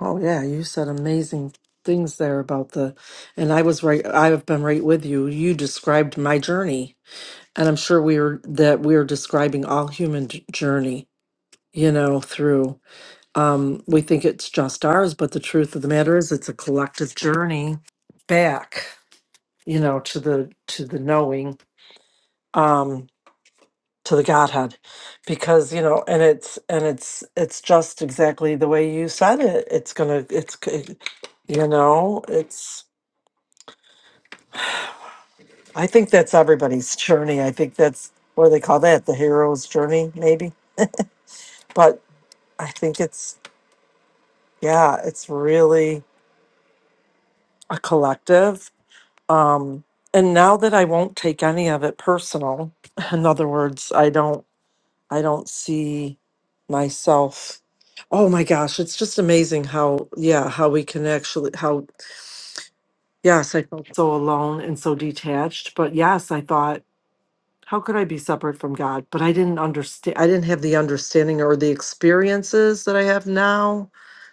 S6: Oh yeah, you said amazing things there about the and I was right I have been right with you. You described my journey and I'm sure we are that we are describing all human j- journey, you know, through um we think it's just ours, but the truth of the matter is it's a collective journey back, you know, to the to the knowing. um, to the Godhead because you know and it's and it's it's just exactly the way you said it it's gonna it's c- you know it's I think that's everybody's journey I think that's what do they call that the hero's journey maybe but I think it's yeah it's really a collective um and now that I won't take any of it personal <laughs> in other words I don't I don't see myself. Oh my gosh, it's just amazing how, yeah, how we can actually, how, yes, I felt so alone and so detached. But yes, I thought, how could I be separate from God? But I didn't understand, I didn't have the understanding or the experiences that I have now,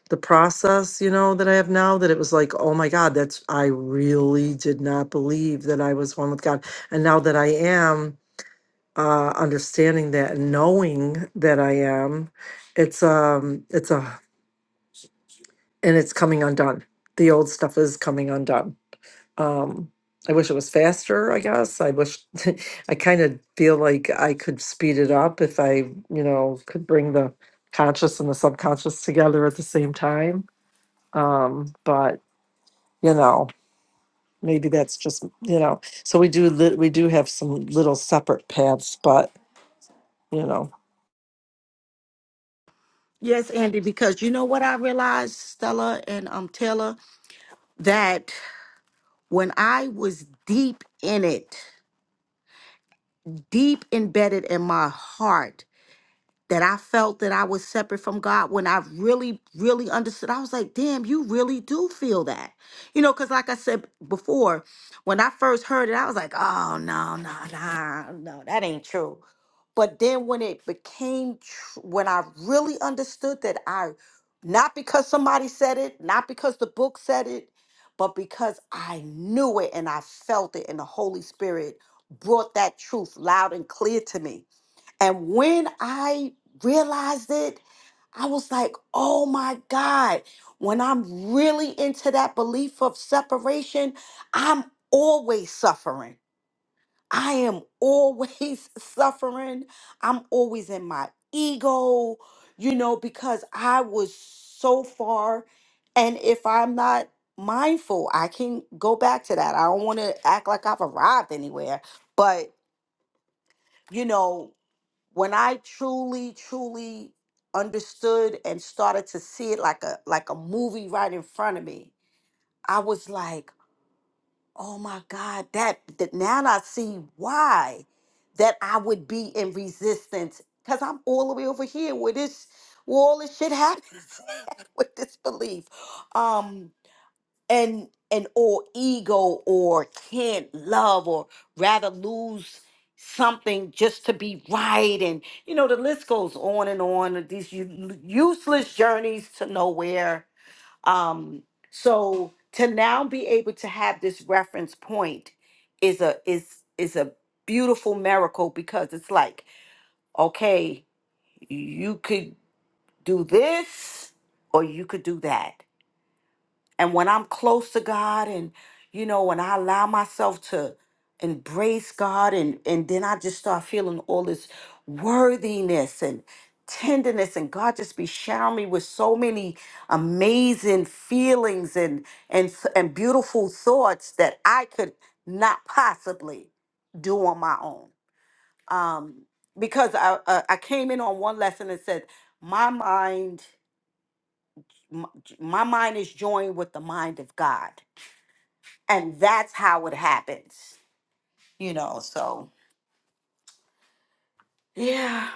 S6: the process, you know, that I have now, that it was like, oh my God, that's, I really did not believe that I was one with God. And now that I am, uh, understanding that, knowing that I am, it's um, it's a, and it's coming undone. The old stuff is coming undone. Um, I wish it was faster. I guess I wish. <laughs> I kind of feel like I could speed it up if I, you know, could bring the conscious and the subconscious together at the same time. Um, but you know, maybe that's just you know. So we do. Li- we do have some little separate paths, but you know.
S5: Yes, Andy, because you know what I realized, Stella and um Taylor, that when I was deep in it. deep embedded in my heart that I felt that I was separate from God when I really, really understood. I was like, damn, you really do feel that. You know, because like I said before, when I first heard it, I was like, oh, no, no, no, no, that ain't true. But then when it became, tr- when I really understood that I, not because somebody said it, not because the book said it, but because I knew it and I felt it, and the Holy Spirit brought that truth loud and clear to me and when I realized it, I was like, oh my God, when I'm really into that belief of separation, I'm always suffering. I am always <laughs> suffering. I'm always in my ego, you know, because I was so far. And if I'm not mindful, I can go back to that. I don't want to act like I've arrived anywhere, but, you know, when I truly, truly understood and started to see it like a like a movie right in front of me, I was like, oh my God, that, that now I see why that I would be in resistance. Cause I'm all the way over here where this where all this shit happens <laughs> with this belief. Um and and or ego or can't love or rather lose something just to be right and you know the list goes on and on of these u- useless journeys to nowhere um so to now be able to have this reference point is a is is a beautiful miracle because it's like okay you could do this or you could do that and when I'm close to God and you know, when I allow myself to embrace God and and then I just start feeling all this worthiness and tenderness and God just be showering me with so many amazing feelings and and s- and beautiful thoughts that I could not possibly do on my own. Um because I uh, I came in on one lesson and said my mind m- my mind is joined with the mind of God and that's how it happens you know so yeah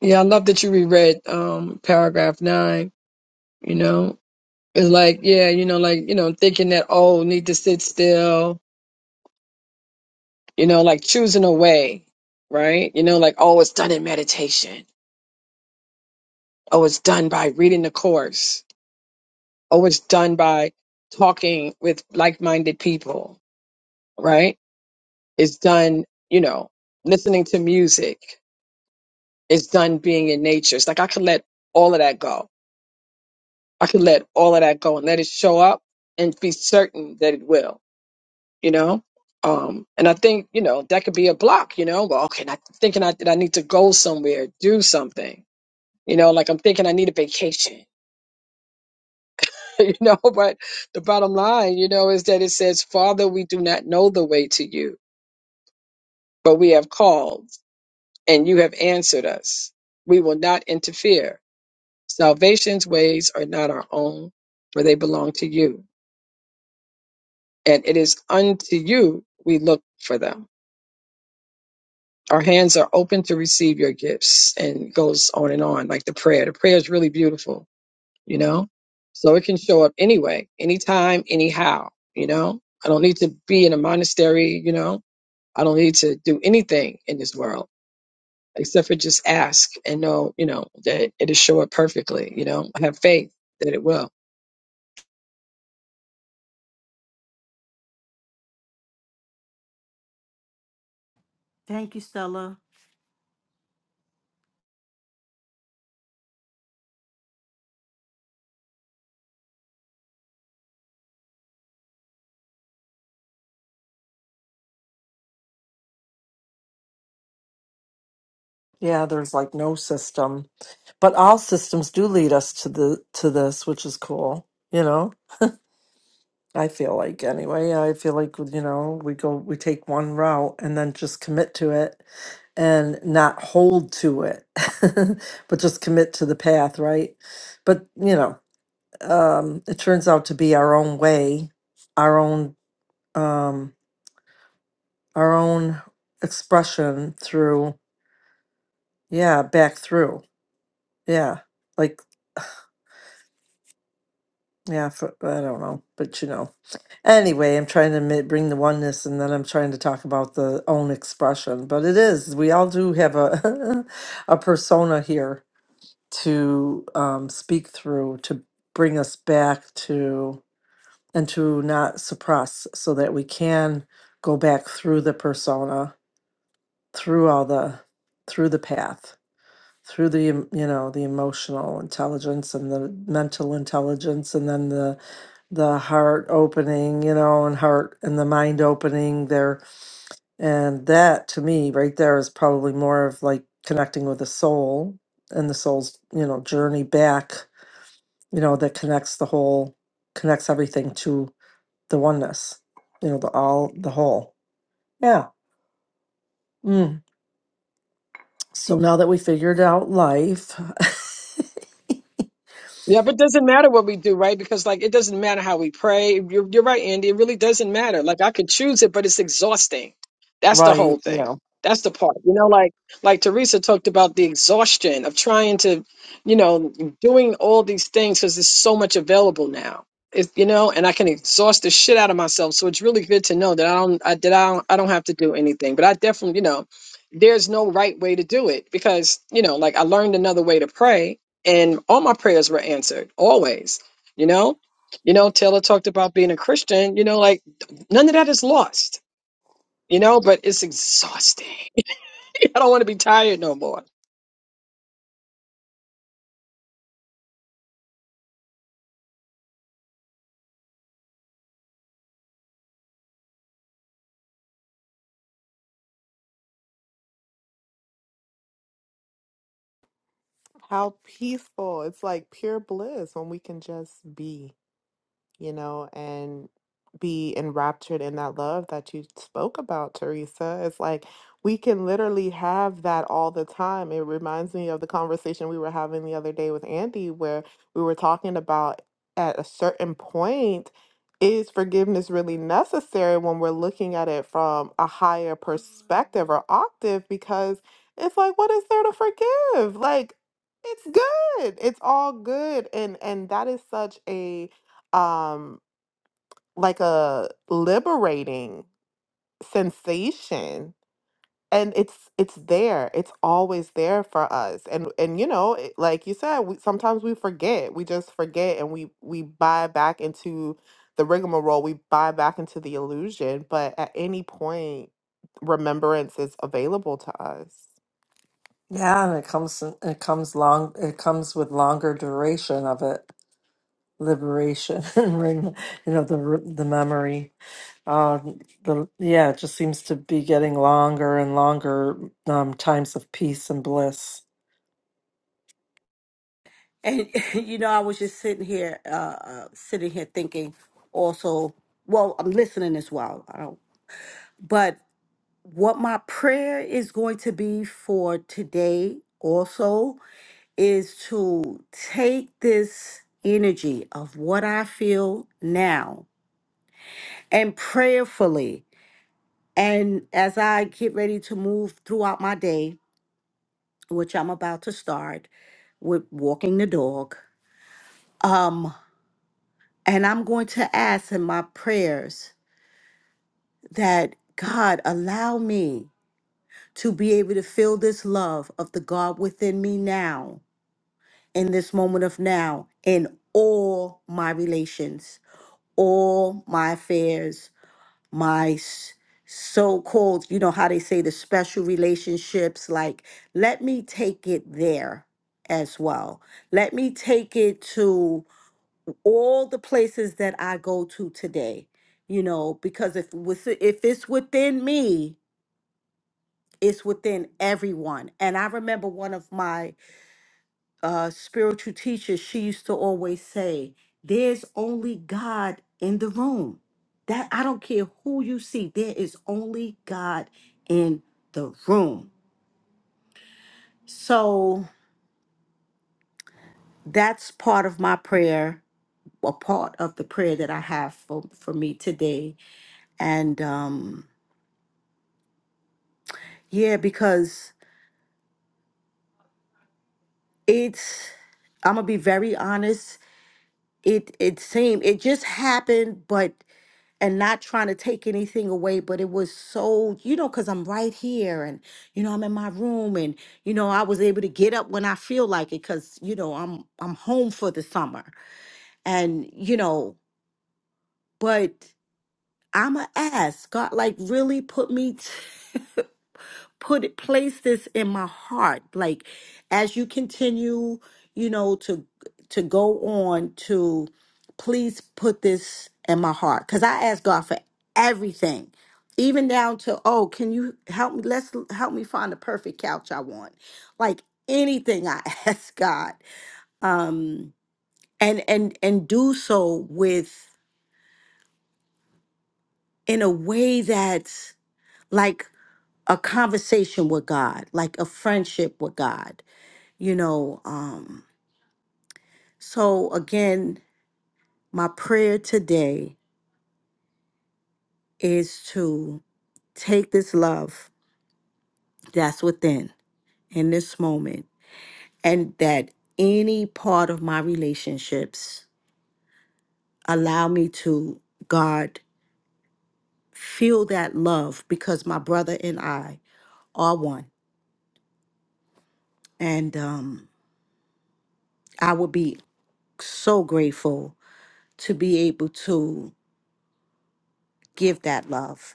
S2: Yeah, I love that you reread um paragraph nine, you know. It's like, yeah, you know, like, you know, thinking that oh, need to sit still, you know, like choosing a way, right? You know, like, oh, it's done in meditation. Oh, it's done by reading the course. Oh, it's done by talking with like minded people, right? It's done, you know, listening to music. It's done being in nature. It's like I could let all of that go. I could let all of that go and let it show up and be certain that it will, you know? Um, and I think, you know, that could be a block, you know, go, okay, not thinking I, that I need to go somewhere, do something, you know, like I'm thinking I need a vacation, <laughs> you know, but the bottom line, you know, is that it says, Father, we do not know the way to you, but we have called. and you have answered us. We will not interfere. Salvation's ways are not our own, for they belong to you. And it is unto you we look for them. Our hands are open to receive your gifts and it goes on and on, like the prayer. The prayer is really beautiful, you know? So it can show up anyway, anytime, anyhow, you know? I don't need to be in a monastery, you know? I don't need to do anything in this world except for just ask and know, you know, that it'll show up perfectly. You know, have faith that it will.
S5: Thank you, Stella.
S6: Yeah, there's like no system, but all systems do lead us to the to this, which is cool. You know, I feel like anyway. I feel like you know we go we take one route and then just commit to it and not hold to it, <laughs> but just commit to the path, right? But you know, um, it turns out to be our own way, our own um, our own expression through yeah back through yeah like. Yeah, for, I don't know, but you know. Anyway, I'm trying to mi- bring the oneness, and then I'm trying to talk about the own expression. But it is we all do have a <laughs> a persona here to um, speak through to bring us back to and to not suppress, so that we can go back through the persona, through all the through the path through the em- you know the emotional intelligence and the mental intelligence and then the the heart opening you know and heart and the mind opening there and that to me right there is probably more of like connecting with the soul and the soul's you know journey back you know that connects the whole connects everything to the oneness you know the all the whole yeah mm. so now that we figured out life
S2: Yeah, but it doesn't matter what we do, right? Because like it doesn't matter how we pray. You're, you're right, Andy. It really doesn't matter. Like I could choose it, but it's exhausting.
S6: <laughs>
S2: That's the whole
S6: right Yeah.
S2: thing. That's the part. You know, like like Teresa talked about the exhaustion of trying to, you know, doing all these things because there's so much available now. It's you know, and I can exhaust the shit out of myself. So it's really good to know that I don't I, that I don't I don't have to do anything. But I definitely, you know, there's no right way to do it because you know, like I learned another way to pray and all my prayers were answered always you know you know taylor talked about being a christian you know like none of that is lost you know but it's exhausting <laughs> i don't want to be tired no more
S4: How peaceful. It's like pure bliss when we can just be you know, and be enraptured in that love that you spoke about, Teresa. It's like we can literally have that all the time. It reminds me of the conversation we were having the other day with Andy, where we were talking about at a certain point, is forgiveness really necessary when we're looking at it from a higher perspective or octave? Because it's like, what is there to forgive? Like, it's good. It's all good. And and that is such a um like a liberating sensation and it's it's there it's always there for us and and you know it, like you said we, sometimes we forget we just forget and we we buy back into the rigmarole we buy back into the illusion but at any point remembrance is available to us
S6: Yeah, and it comes it comes long it comes with longer duration of it liberation <laughs> and ring- you know the r- the memory um the yeah it just seems to be getting longer and longer um times of peace and bliss
S5: and <laughs> you know i was just sitting here uh uh, sitting here thinking also well i'm listening as well i don't but what my prayer is going to be for today also is to take this energy of what i feel now and prayerfully and as i get ready to move throughout my day which I'm about to start with walking the dog. Um, and I'm going to ask in my prayers that God allow me to be able to feel this love of the God within me now, in this moment of now, in all my relations, all my affairs, my s- so-called, you know how they say the special relationships, like let me take it there as well. Let me take it to all the places that I go to today. You know, because if with if it's within me, it's within everyone. And I remember one of my uh, spiritual teacher, she used to always say, There's only God in the room. That I don't care who you see, there is only God in the room. So that's part of my prayer, a part of the prayer that I have for, for me today. And um, yeah, because it's, I'm going to be very honest. it it seemed it just happened but and not trying to take anything away but it was so you know because i'm right here and you know i'm in my room and you know i was able to get up when i feel like it because you know i'm i'm home for the summer and you know but i'ma ask god like really put me <laughs> put it place this in my heart like as you continue you know to to go on to please put this in my heart because i ask god for everything even down to oh can you help me let's help me find the perfect couch i want like anything i <laughs> ask god um and and and do so with in a way that's like a conversation with god like a friendship with god you know um so again my prayer today is to take this love that's within in this moment and that any part of my relationships allow me to god feel that love because my brother and i are one and um i would be so grateful to be able to give that love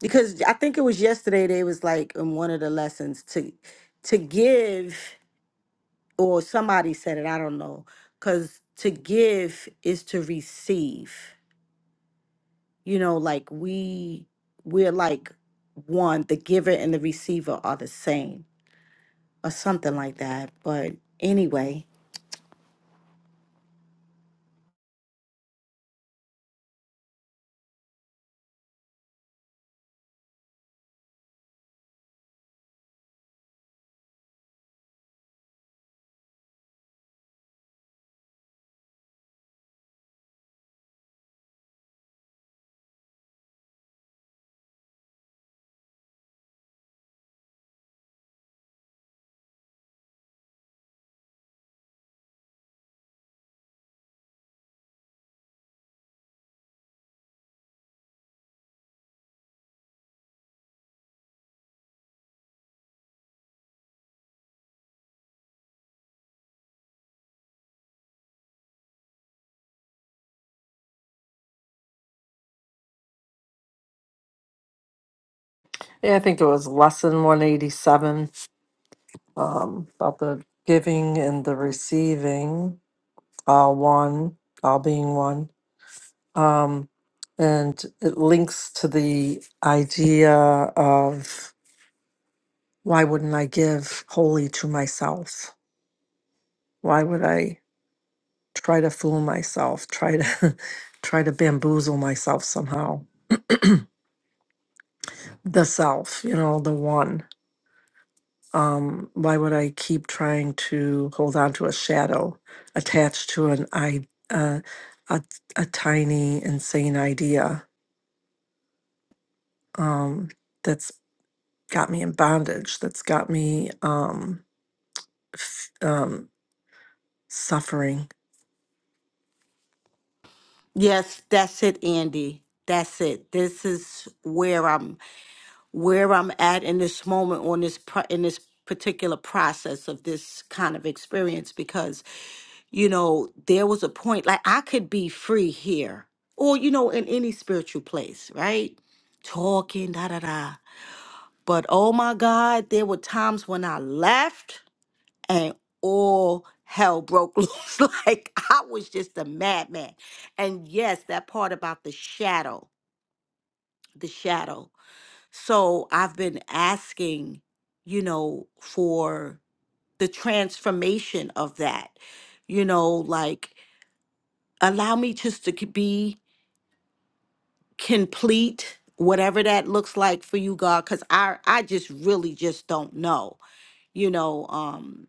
S5: because I think it was yesterday they was like in one of the lessons to to give or somebody said it I don't know cuz to give is to receive you know like we we're like one the giver and the receiver are the same or something like that but anyway
S6: yeah i think it was lesson 187 um about the giving and the receiving all one all being one um and it links to the idea of why wouldn't I give wholly to myself? Why would I try to fool myself, try to <laughs> try to bamboozle myself somehow? The self, you know, the one. Um, why would I keep trying to hold on to a shadow attached to an I uh, a, a tiny insane idea um, that's got me in bondage, that's got me um, f- um, suffering?
S5: yes that's it Andy that's it this is where I'm where I'm at in this moment on this pro- in this particular process of this kind of experience because you know there was a point like I could be free here or you know in any spiritual place right talking da da da but oh my god there were times when I left and all hell broke <laughs> loose like I was just a madman and yes that part about the shadow the shadow so I've been asking, you know, for the transformation of that, you know, like allow me just to c- be complete, whatever that looks like for you, God, because I I just really just don't know, you know, um,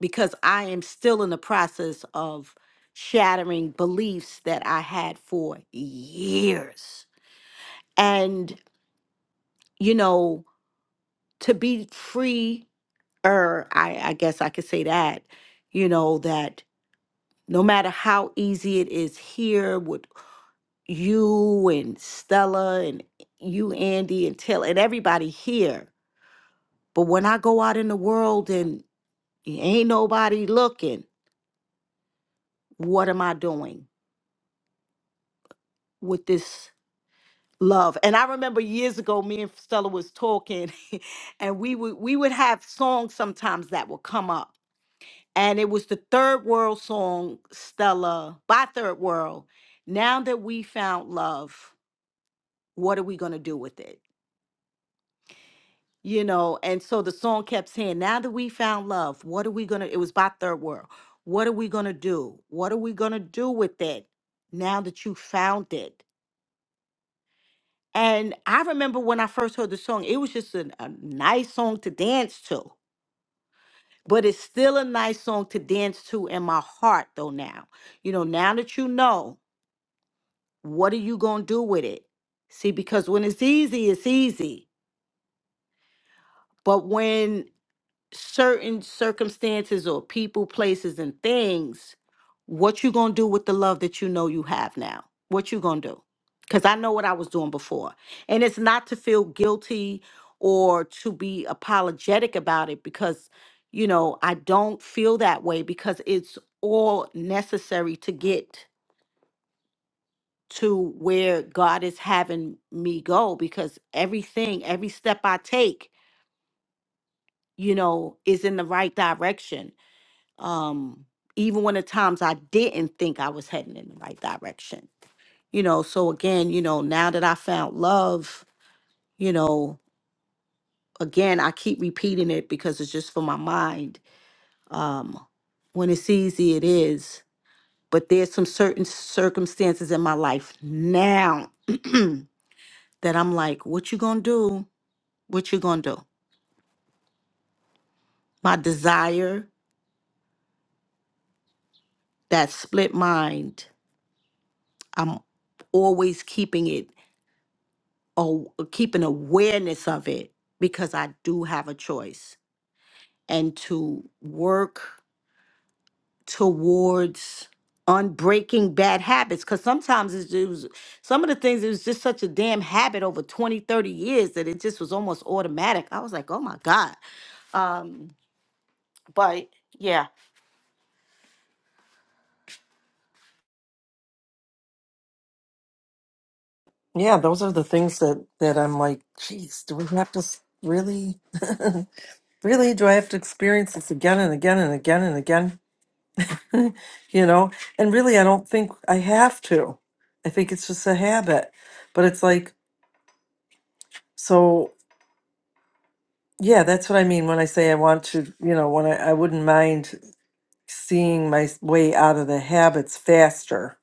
S5: because I am still in the process of shattering beliefs that I had for years. And, you know, to be free er, I, I guess I could say that, you know, that no matter how easy it is here with you and Stella and you, Andy, and Till and everybody here, but when I go out in the world and ain't nobody looking, what am I doing with this love? And I remember years ago, me and Stella was talking, <laughs> and we would we would have songs sometimes that would come up and it was the third world song stella by third world now that we found love what are we going to do with it you know and so the song kept saying now that we found love what are we going to it was by third world what are we going to do what are we going to do with it now that you found it and i remember when i first heard the song it was just an- a nice song to dance to but it's still a nice song to dance to in my heart though now you know now that you know What are you going to do with it? See, because when it's easy, it's easy. But when certain circumstances or people, places, and things, what you going to do with the love that you know you have now? What you going to do? Because I know what I was doing before. And it's not to feel guilty or to be apologetic about it because, you know, I don't feel that way because it's all necessary to get to where God is having me go because everything, every step I take, you know, is in the right direction. Um, even when the times I didn't think I was heading in the right direction, you know. So again, you know, now that I found love, you know, again, I keep repeating it because it's just for my mind. Um, when it's easy, it is. But there's some certain circumstances in my life now <clears throat> that I'm like, what you gonna do? What you gonna do? My desire, that split mind, I'm always keeping it or keeping awareness of it because I do have a choice. And to work towards unbreaking bad habits because sometimes it's it was some of the things it was just such a damn habit over 20, 30 years that it just was almost automatic i was like oh my god um but yeah,
S6: Yeah, those are the things that that I'm like, geez, do we have to s- really, <laughs> really do I have to experience this again and again and again and again? <laughs> you know, and really, I don't think I have to. I think it's just a habit. But it's like, so yeah, that's what I mean when I say I want to. You know, when I, I wouldn't mind seeing my s- way out of the habits faster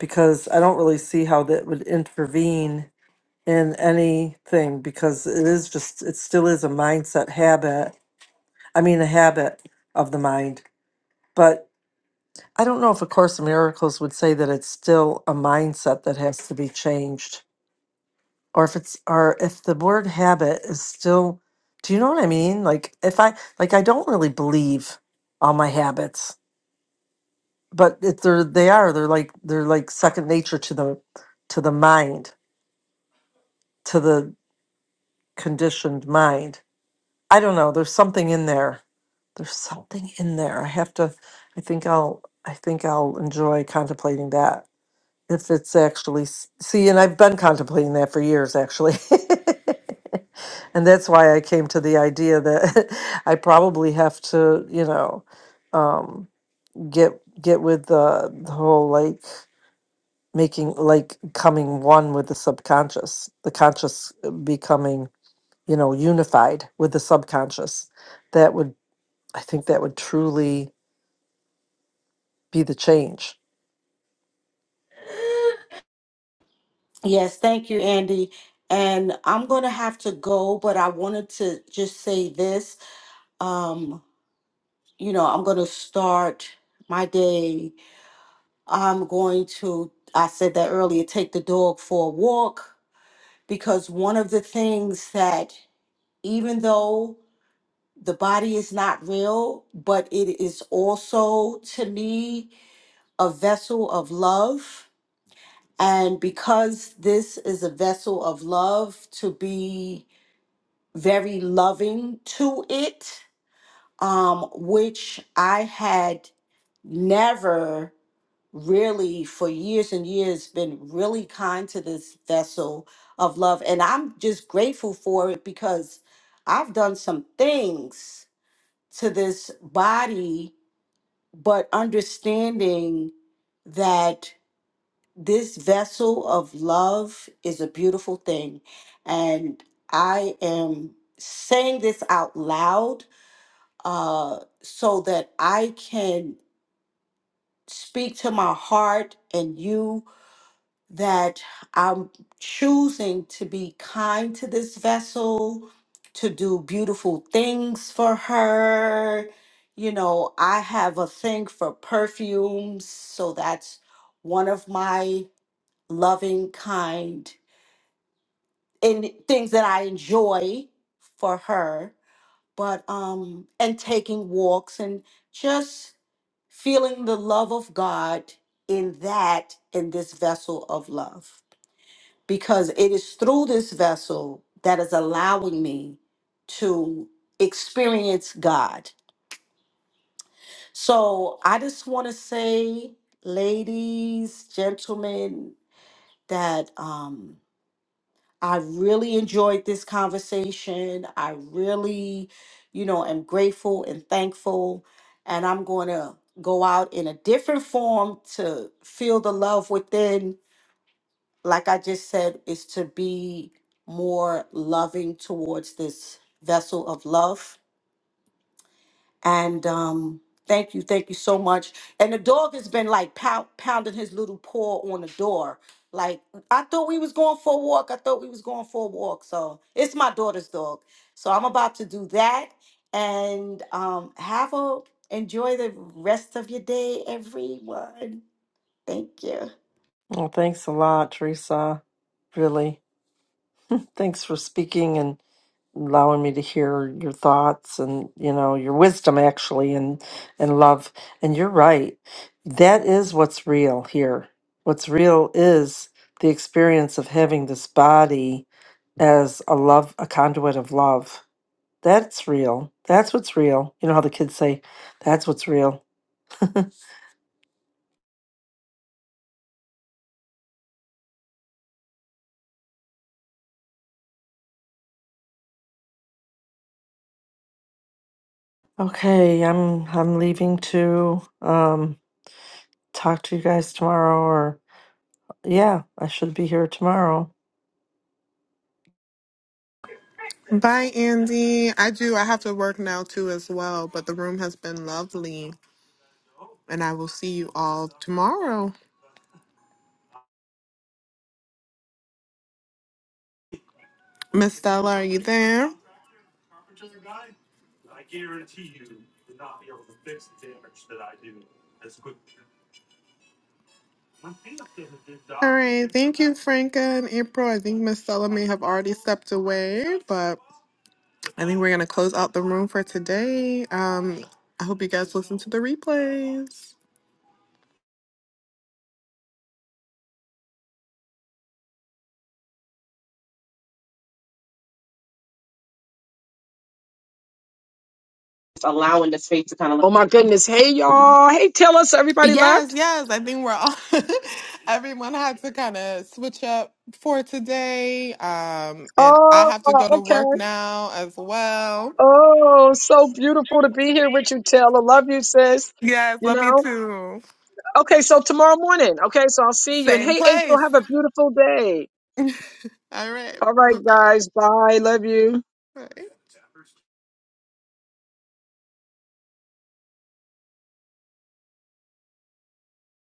S6: because I don't really see how that would intervene in anything because it is just it still is a mindset habit i mean a habit of the mind but i don't know if a course in miracles would say that it's still a mindset that has to be changed or if it's or if the word habit is still do you know what i mean like if i like i don't really believe all my habits but if they're they are they're like they're like second nature to the to the mind to the conditioned mind I don't know. There's something in there. There's something in there. I have to. I think I'll. I think I'll enjoy contemplating that if it's actually s- see. And I've been contemplating that for years, actually. <laughs> and that's why I came to the idea that <laughs> I probably have to, you know, um, get get with the, the whole like making like coming one with the subconscious, the conscious becoming, you know, unified with the subconscious That would. I think that would truly be the change.
S5: Yes, thank you, Andy. And I'm going to have to go, but I wanted to just say this. Um, you know, I'm going to start my day. I'm going to, I said that earlier, take the dog for a walk because one of the things that, even though the body is not real, but it is also, to me, a vessel of love. And because this is a vessel of love to be very loving to it, um, which I had never really for years and years been really kind to this vessel of love. And I'm just grateful for it because I've done some things to this body, but understanding that this vessel of love is a beautiful thing. And I am saying this out loud uh, so that I can speak to my heart and you that I'm choosing to be kind to this vessel, to do beautiful things for her. You know, I have a thing for perfumes, so that's one of my loving, kind in things that I enjoy for her, but um and taking walks and just feeling the love of God in that in this vessel of love because it is through this vessel that is allowing me to experience God. So I just want to say ladies, gentlemen that um I really enjoyed this conversation. I really, you know, am grateful and thankful. And I'm going to go out in a different form to feel the love within. Like I just said, is to be more loving towards this vessel of love and um, thank you, thank you so much. And the dog has been like pow- pounding his little paw on the door. Like I thought we was going for a walk. I thought we was going for a walk. So it's my daughter's dog. So I'm about to do that and um, have a enjoy the rest of your day, everyone. Thank you.
S6: Well, thanks a lot, Teresa. Really, thanks for speaking and allowing me to hear your thoughts and you know your wisdom actually and and love. And you're right. That is what's real here. What's real is the experience of having this body as a love a conduit of love that's real that's what's real you know how the kids say that's what's real Okay, I'm I'm leaving to um talk to you guys tomorrow or yeah, I should be here tomorrow.
S4: Bye, Andy. I do. I have to work now too, as well. But the room has been lovely, and I will see you all tomorrow. Miss Stella, are you there? All right. Thank you, Franca and April. I think Miss Stella may have already stepped away, but I think we're going to close out the room for today. Um, I hope you guys listen to the replays.
S2: It's allowing the space to kind of oh my goodness hey y'all hey taylor so everybody
S4: Yes,
S2: left
S4: yes. I think we're all, <laughs> everyone had to kind of switch up for today. Um, and I
S2: oh
S4: have to go to
S2: okay
S4: work now as well.
S2: oh so beautiful to be here with you taylor love you sis
S4: Yes,
S2: you
S4: love you
S2: know
S4: too.
S2: okay so tomorrow morning okay so i'll see you and
S4: Same
S2: hey april
S4: place.
S2: have a beautiful day
S4: All right.
S2: all right
S4: Bye-bye.
S2: guys bye love you
S4: Bye.